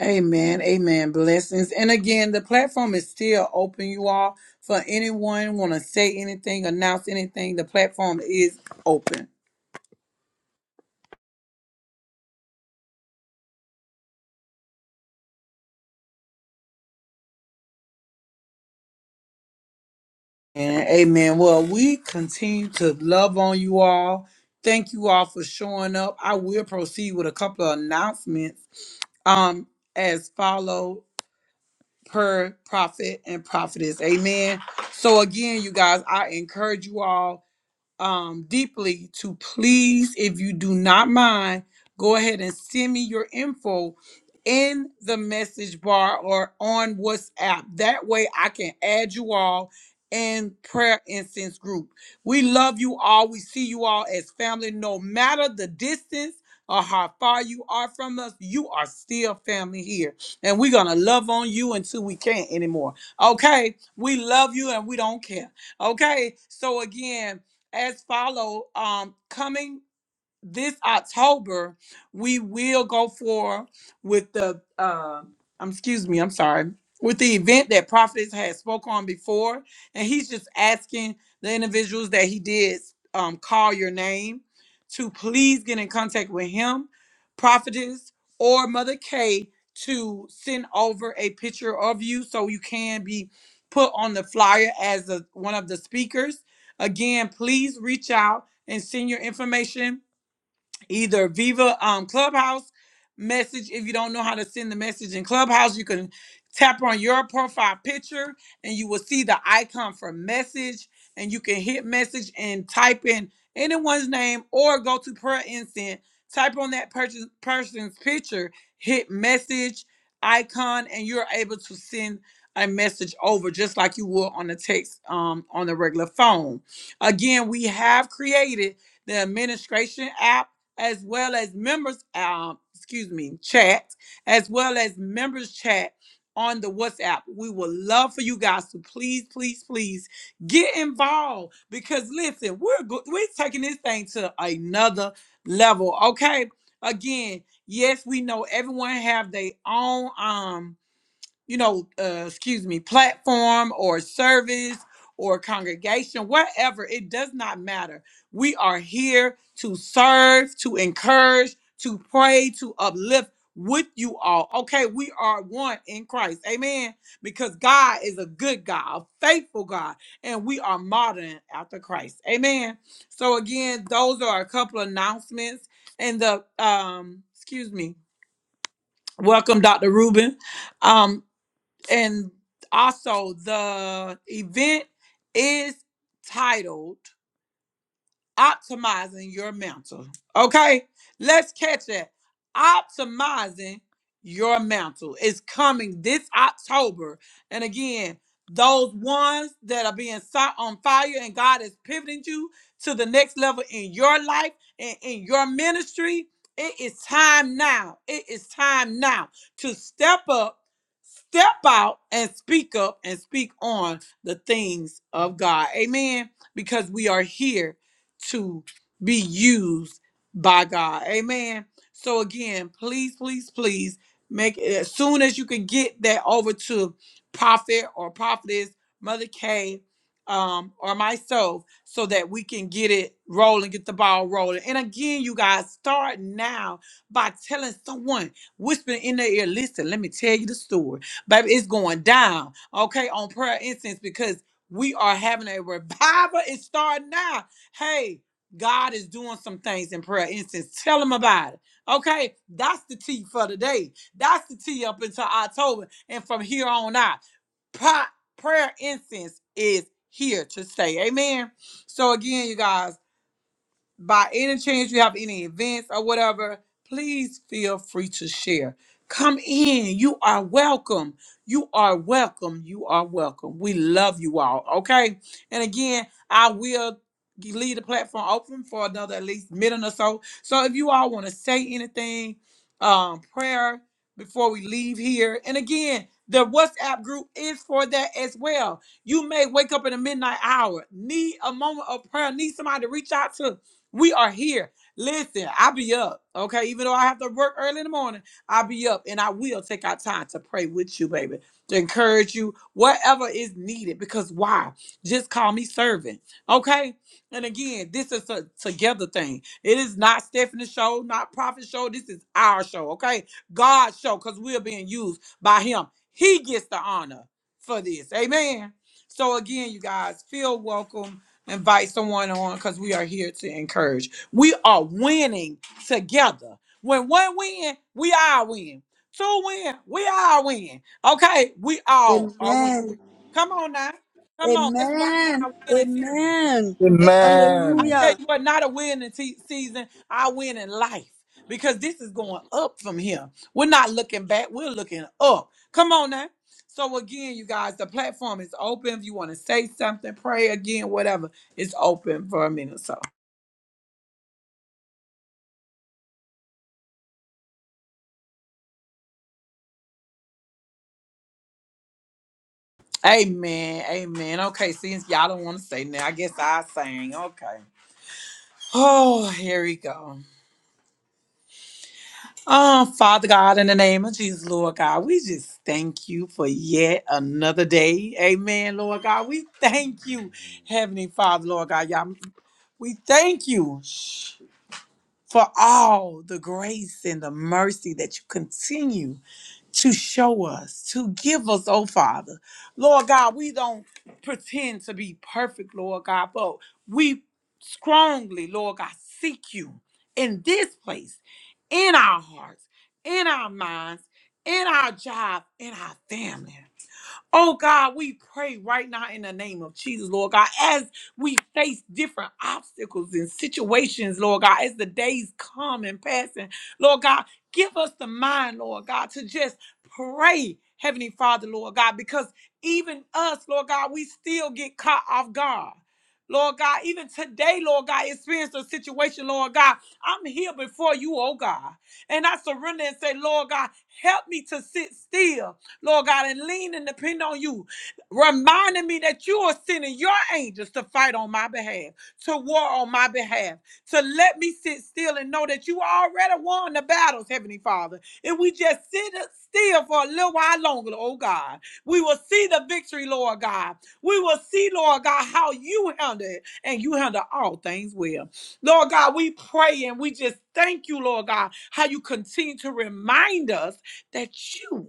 Amen. Amen. Blessings. And again, the platform is still open, you all. For anyone want to say anything, announce anything, the platform is open. And amen. Well, we continue to love on you all. Thank you all for showing up. I will proceed with a couple of announcements. um as follow per prophet and prophetess amen so again you guys i encourage you all um, deeply to please, if you do not mind, go ahead and send me your info in the message bar or on WhatsApp. That way I can add you all in prayer incense group. We love you all. We see you all as family, no matter the distance or how far you are from us, you are still family here. And we're gonna love on you until we can't anymore. Okay, we love you and we don't care. Okay, so again as follow um coming this October, we will go for with the uh, um, excuse me, I'm sorry, with the event that Prophets has spoke on before, and he's just asking the individuals that he did um, call your name to please get in contact with him, Prophetess or Mother K to send over a picture of you so you can be put on the flyer as a, one of the speakers. Again, please reach out and send your information either Viva um, Clubhouse message. If you don't know how to send the message in Clubhouse, you can tap on your profile picture and you will see the icon for message. And you can hit message and type in anyone's name or go to prayer incense, type on that person, person's picture, hit message icon, and you're able to send a message over just like you would on the text um, on the regular phone. Again, we have created the administration app as well as members, um, excuse me, chat, as well as members chat on the WhatsApp. We would love for you guys to please, please, please get involved because listen, we're go- we're taking this thing to another level. Okay, again, yes, we know everyone have their own. um you know, uh, excuse me, platform or service or congregation, wherever, it does not matter. We are here to serve, to encourage, to pray, to uplift with you all. Okay, we are one in Christ. Amen. Because God is a good God, a faithful God, and we are modern after Christ. Amen. So again, those are a couple of announcements and the um excuse me. Welcome Dr. Rubin. Um and also the event is titled optimizing your mantle. Okay, let's catch that. Optimizing your mantle is coming this October. And again, those ones that are being set on fire and God is pivoting you to the next level in your life and in your ministry. It is time now. It is time now to step up, step out, and speak up and speak on the things of God. Amen. Because we are here to be used by God. Amen. So again, please, please, please make it as soon as you can get that over to prophet or prophetess, Mother K, um, or myself, so that we can get it rolling, get the ball rolling. And again, you guys, start now by telling someone, whispering in their ear, listen, let me tell you the story. Baby, it's going down, okay, on prayer instance because we are having a revival. It's starting now hey, God is doing some things in prayer instance. Tell him about it. Okay, that's the tea for today. That's the tea up until October. And from here on out, pra- prayer incense is here to stay. Amen. So again, you guys by any chance you have any events or whatever, please feel free to share. Come in. You are welcome. You are welcome. You are welcome. We love you all. Okay. And again, I will g- leave the platform open for another at least minute or so. So if you all want to say anything, um, prayer before we leave here. And again, the WhatsApp group is for that as well. You may wake up in the midnight hour, need a moment of prayer, need somebody to reach out to we are here. Listen, I be up, okay? Even though I have to work early in the morning, I be up and I will take out time to pray with you, baby, to encourage you, whatever is needed. Because why? Just call me servant, okay? And again, this is a together thing. It is not Stephanie's show, not Prophet's show. This is our show, okay? God's show, because we're being used by Him. He gets the honor for this, amen? So again, you guys feel welcome invite someone on because we are here to encourage. We are winning together. When one win, we all win. Two win, we all win. Okay, we all are winning. Come on now. Come on, let's walk in
Amen.
our winning season.
Amen.
It- I
Amen.
tell
Hallelujah.
you what, not a reason I win in life because yeah, we're knocking up. Come on now. So again, you guys, the platform is open. If you want to say something, whatever, it's open. Amen. Amen. Okay, since y'all don't want to say now, I guess I sang. Okay. Oh, here we go. Oh, Father God, in the name of Jesus, Lord God, we just thank you for yet another day. Amen, Lord God. We thank you, Heavenly Father, Lord God. Y'all, we thank you for all the grace and the mercy that you continue to show us, to give us, oh Father. Lord God, we don't pretend to be perfect, Lord God, but we strongly, Lord God, seek you in this place, in our hearts, in our minds, in our job, in our family. Oh God, we pray right now in the name of Jesus, Lord God, as we face different obstacles and situations, Lord God, as the days come and pass, and Lord God, give us the mind, Lord God, to just pray, Heavenly Father, Lord God, because even us, Lord God, we still get caught off guard. Lord God, even today, Lord God, experience a situation, Lord God. I'm here before you, oh God. And I surrender and say, Lord God, help me to sit still Lord God, and lean and depend on you, reminding me that you are sending your angels to fight on my behalf, to war on my behalf, to let me sit still and know that you already won the battles, Heavenly Father. If we just sit still for a little while longer, oh God, we will see the victory, Lord God. We will see, Lord God, how you handle it, and you handle all things well. Lord God, we pray and we just thank you, Lord God, how you continue to remind us that you.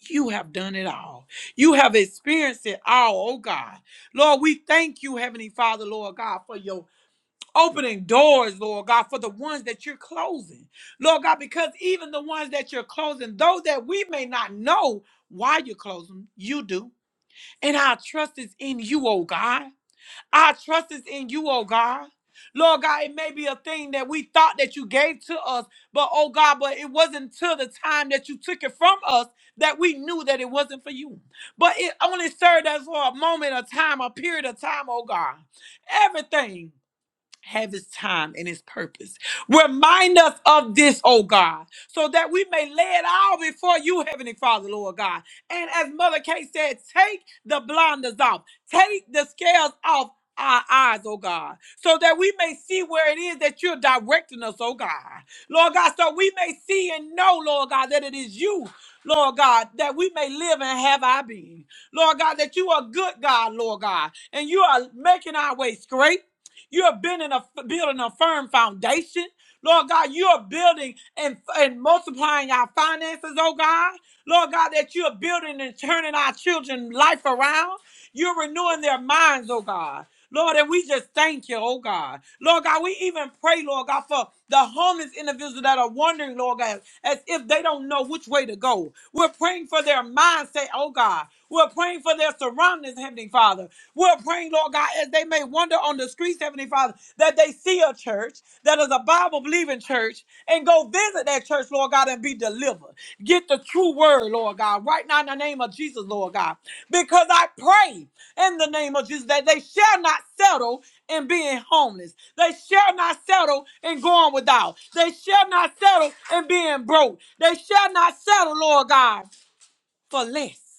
You have done it all. You have experienced it all, oh God. Lord, we thank you, Heavenly Father, Lord God, for your opening doors, Lord God, for the ones that you're closing. Lord God, because even the ones that you're closing, those that we may not know why you close them, you do. And our trust is in you, oh God. Our trust is in you, oh God. Lord God, it may be a thing that we thought that you gave to us, but oh God, but it wasn't till the time that you took it from us that we knew that it wasn't for you. But it only served us for a moment, a time, a period of time, oh God. Everything have his time and his purpose. Remind us of this, oh God, so that we may lay it all before you, Heavenly Father, Lord God. And as Mother Kay said, take the blinders off, take the scales off our eyes, oh God, so that we may see where it is that you're directing us, oh God. Lord God, so we may see and know, Lord God, that it is you. Lord God, that we may live and have our being. Lord God, that you are good, God, Lord God, and you are making our way straight. You are building a building a firm foundation. Lord God, you are building and, and multiplying our finances, oh God. Lord God, that you are building and turning our children's life around. You're renewing their minds, oh God. Lord, and we just thank you, oh God. Lord God, we even pray, Lord God, for the homeless individuals that are wondering, Lord God, as if they don't know which way to go. We're praying for their mindset, oh God. We're praying for their surroundings, Heavenly Father. We're praying, Lord God, as they may wander on the streets, Heavenly Father, that they see a church that is a Bible believing church and go visit that church, Lord God, and be delivered. Get the true word, Lord God, right now in the name of Jesus, Lord God. Because I pray in the name of Jesus that they shall not settle in being homeless. They shall not settle in going without. They shall not settle in being broke. They shall not settle, Lord God, for less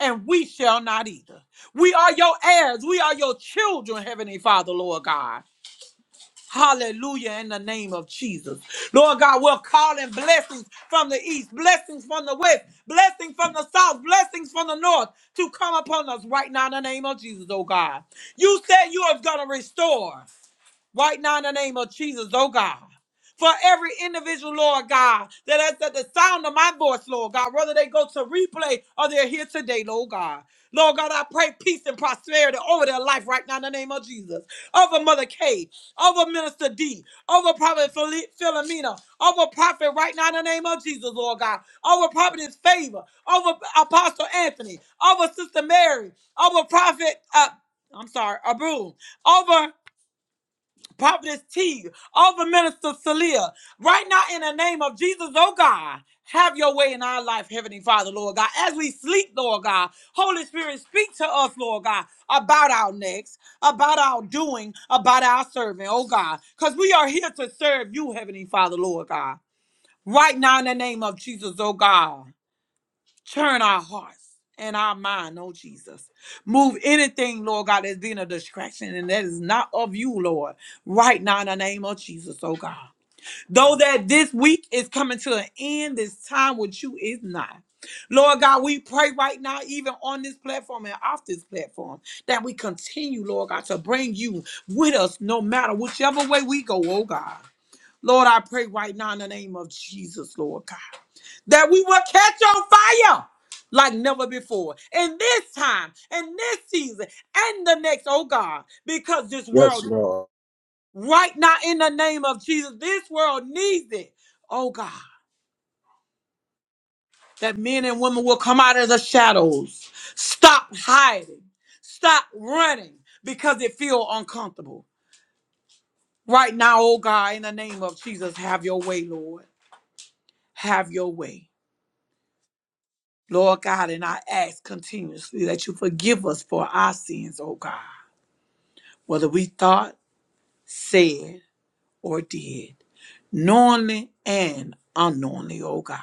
and we shall not either. We are your heirs. We are your children, Heavenly Father, Lord God. Hallelujah in the name of Jesus. Lord God, we're calling blessings from the east, blessings from the west, blessings from the south, blessings from the north to come upon us right now in the name of Jesus, oh God. You said you are going to restore right now in the name of Jesus, oh God. For every individual, Lord God, that has at the sound of my voice, Lord God, whether they go to replay or they're here today, Lord God. Lord God, I pray peace and prosperity over their life right now in the name of Jesus. Over Mother K, over Minister D, over Prophet Phil- Philomena, over Prophet right now in the name of Jesus, Lord God. Over Prophet's favor, over Apostle Anthony, over Sister Mary, over Prophet, uh, I'm sorry, Abu, over Prophetess T, over Minister Celia, right now in the name of Jesus, oh God, have your way in our life, Heavenly Father, Lord God. As we sleep, Lord God, Holy Spirit, speak to us, Lord God, about our next, about our doing, about our serving, oh God, because we are here to serve you, Heavenly Father, Lord God. Right now in the name of Jesus, oh God. Turn our hearts and our mind, oh Jesus. Move anything, Lord God, that's been a distraction and that is not of you, Lord, right now in the name of Jesus, oh God. Though that this week is coming to an end, this time with you is not. Lord God, we pray right now, even on this platform and off this platform, that we continue, Lord God, to bring you with us no matter whichever way we go, oh God. Lord, I pray right now in the name of Jesus, Lord God that we will catch on fire like never before in this time in this season and the next oh god because this
Yes,
world
Lord.
right now in the name of jesus this world needs it oh god that men and women will come out of the shadows stop hiding stop running because it feel uncomfortable right now oh god in the name of jesus have your way lord have your way Lord God, and I ask continuously that you forgive us for our sins, oh God, whether we thought, said, or did, knowingly and unknowingly, oh God.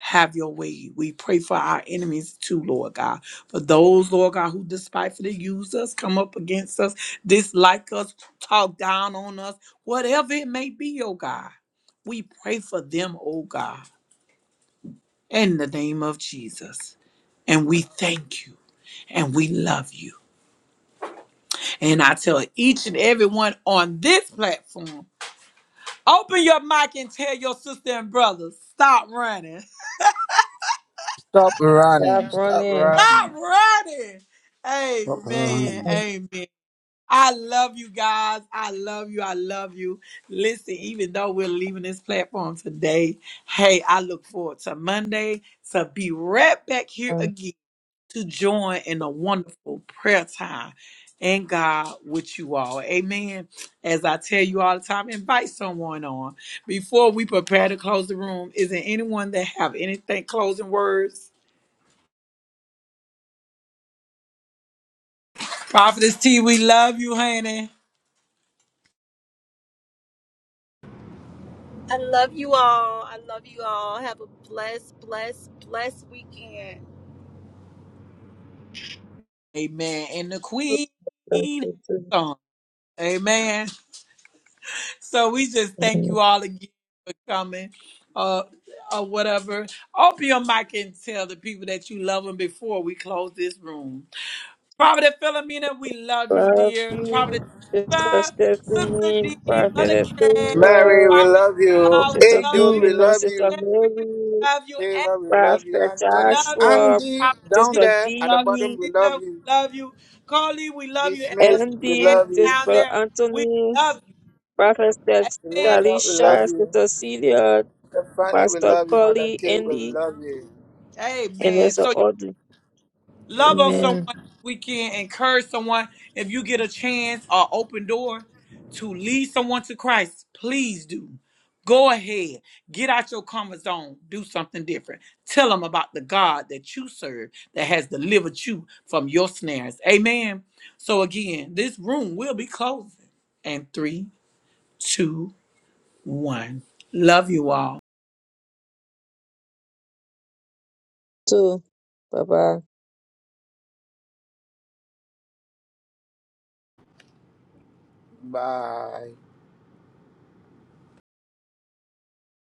Have your way. We pray for our enemies too, Lord God. For those, Lord God, who despitefully use us, come up against us, dislike us, talk down on us, whatever it may be, oh God. We pray for them, oh God, in the name of Jesus. And we thank you and we love you. And I tell each and everyone on this platform, open your mic and tell your sister and brothers, stop running.
Stop
Stop
running. Stop
running.
running.
Stop running. Amen. Amen. I love you guys. I love you. I love you. Listen, even though we're leaving this platform today, hey, I look forward to Monday to be right back here again. to join in a wonderful prayer time and God with you all. Amen. As I tell you all the time, invite someone on. Before we prepare to close the room, is there anyone that have anything closing words? Prophetess T, we love you, honey.
I love you all. I love you all. Have a blessed, blessed, blessed weekend.
Amen. And the Queen has sung. Amen. So we just thank you all again for coming. Uh or whatever. Open your mic and tell the people that you love them before we close this room. Prophet Philomena, we love you,
Love
dear.
you,
Prophet
Sister
Ava, Sister
Stephanie,
D, Mother
Prophet
K,
Mary,
Favor,
we
Prophet
love you.
God, we
Sister
love
Adu,
you.
we
Philomena,
love
Sister
you.
Jerry, we
Mary,
love you.
Favor, we
Anthony,
love you.
Prophet
we
Anthony,
love you.
Joshua,
Andy,
Prophet
down
C, we
Sister
there at the
love you.
D,
bottom, we love
Cena,
you.
we love you. Carly, we
D.
love you. And
Smith,
Mr.
we
Andy,
Andy
love you.
down
Sister
there, we
Anthony,
love you.
Prophet
Amen.
Illumina, we love
Talisha,
you.
Sister Celia,
Stephanie, we
Pastor
love you. Mother
Coley
K, we
Andy,
love you.
and
Amen.
that's an
So.
order.
Love on someone
Amen.
Amen.
this weekend. Encourage someone. If you get a chance or open door to lead someone to Christ, please do. Go ahead. Get out your comfort zone. Do something different. Tell them about the God that you serve that has delivered you from your snares. Amen. So again, this room will be closing. in three, two, one. Love you all.
Too. Bye bye.
Bye.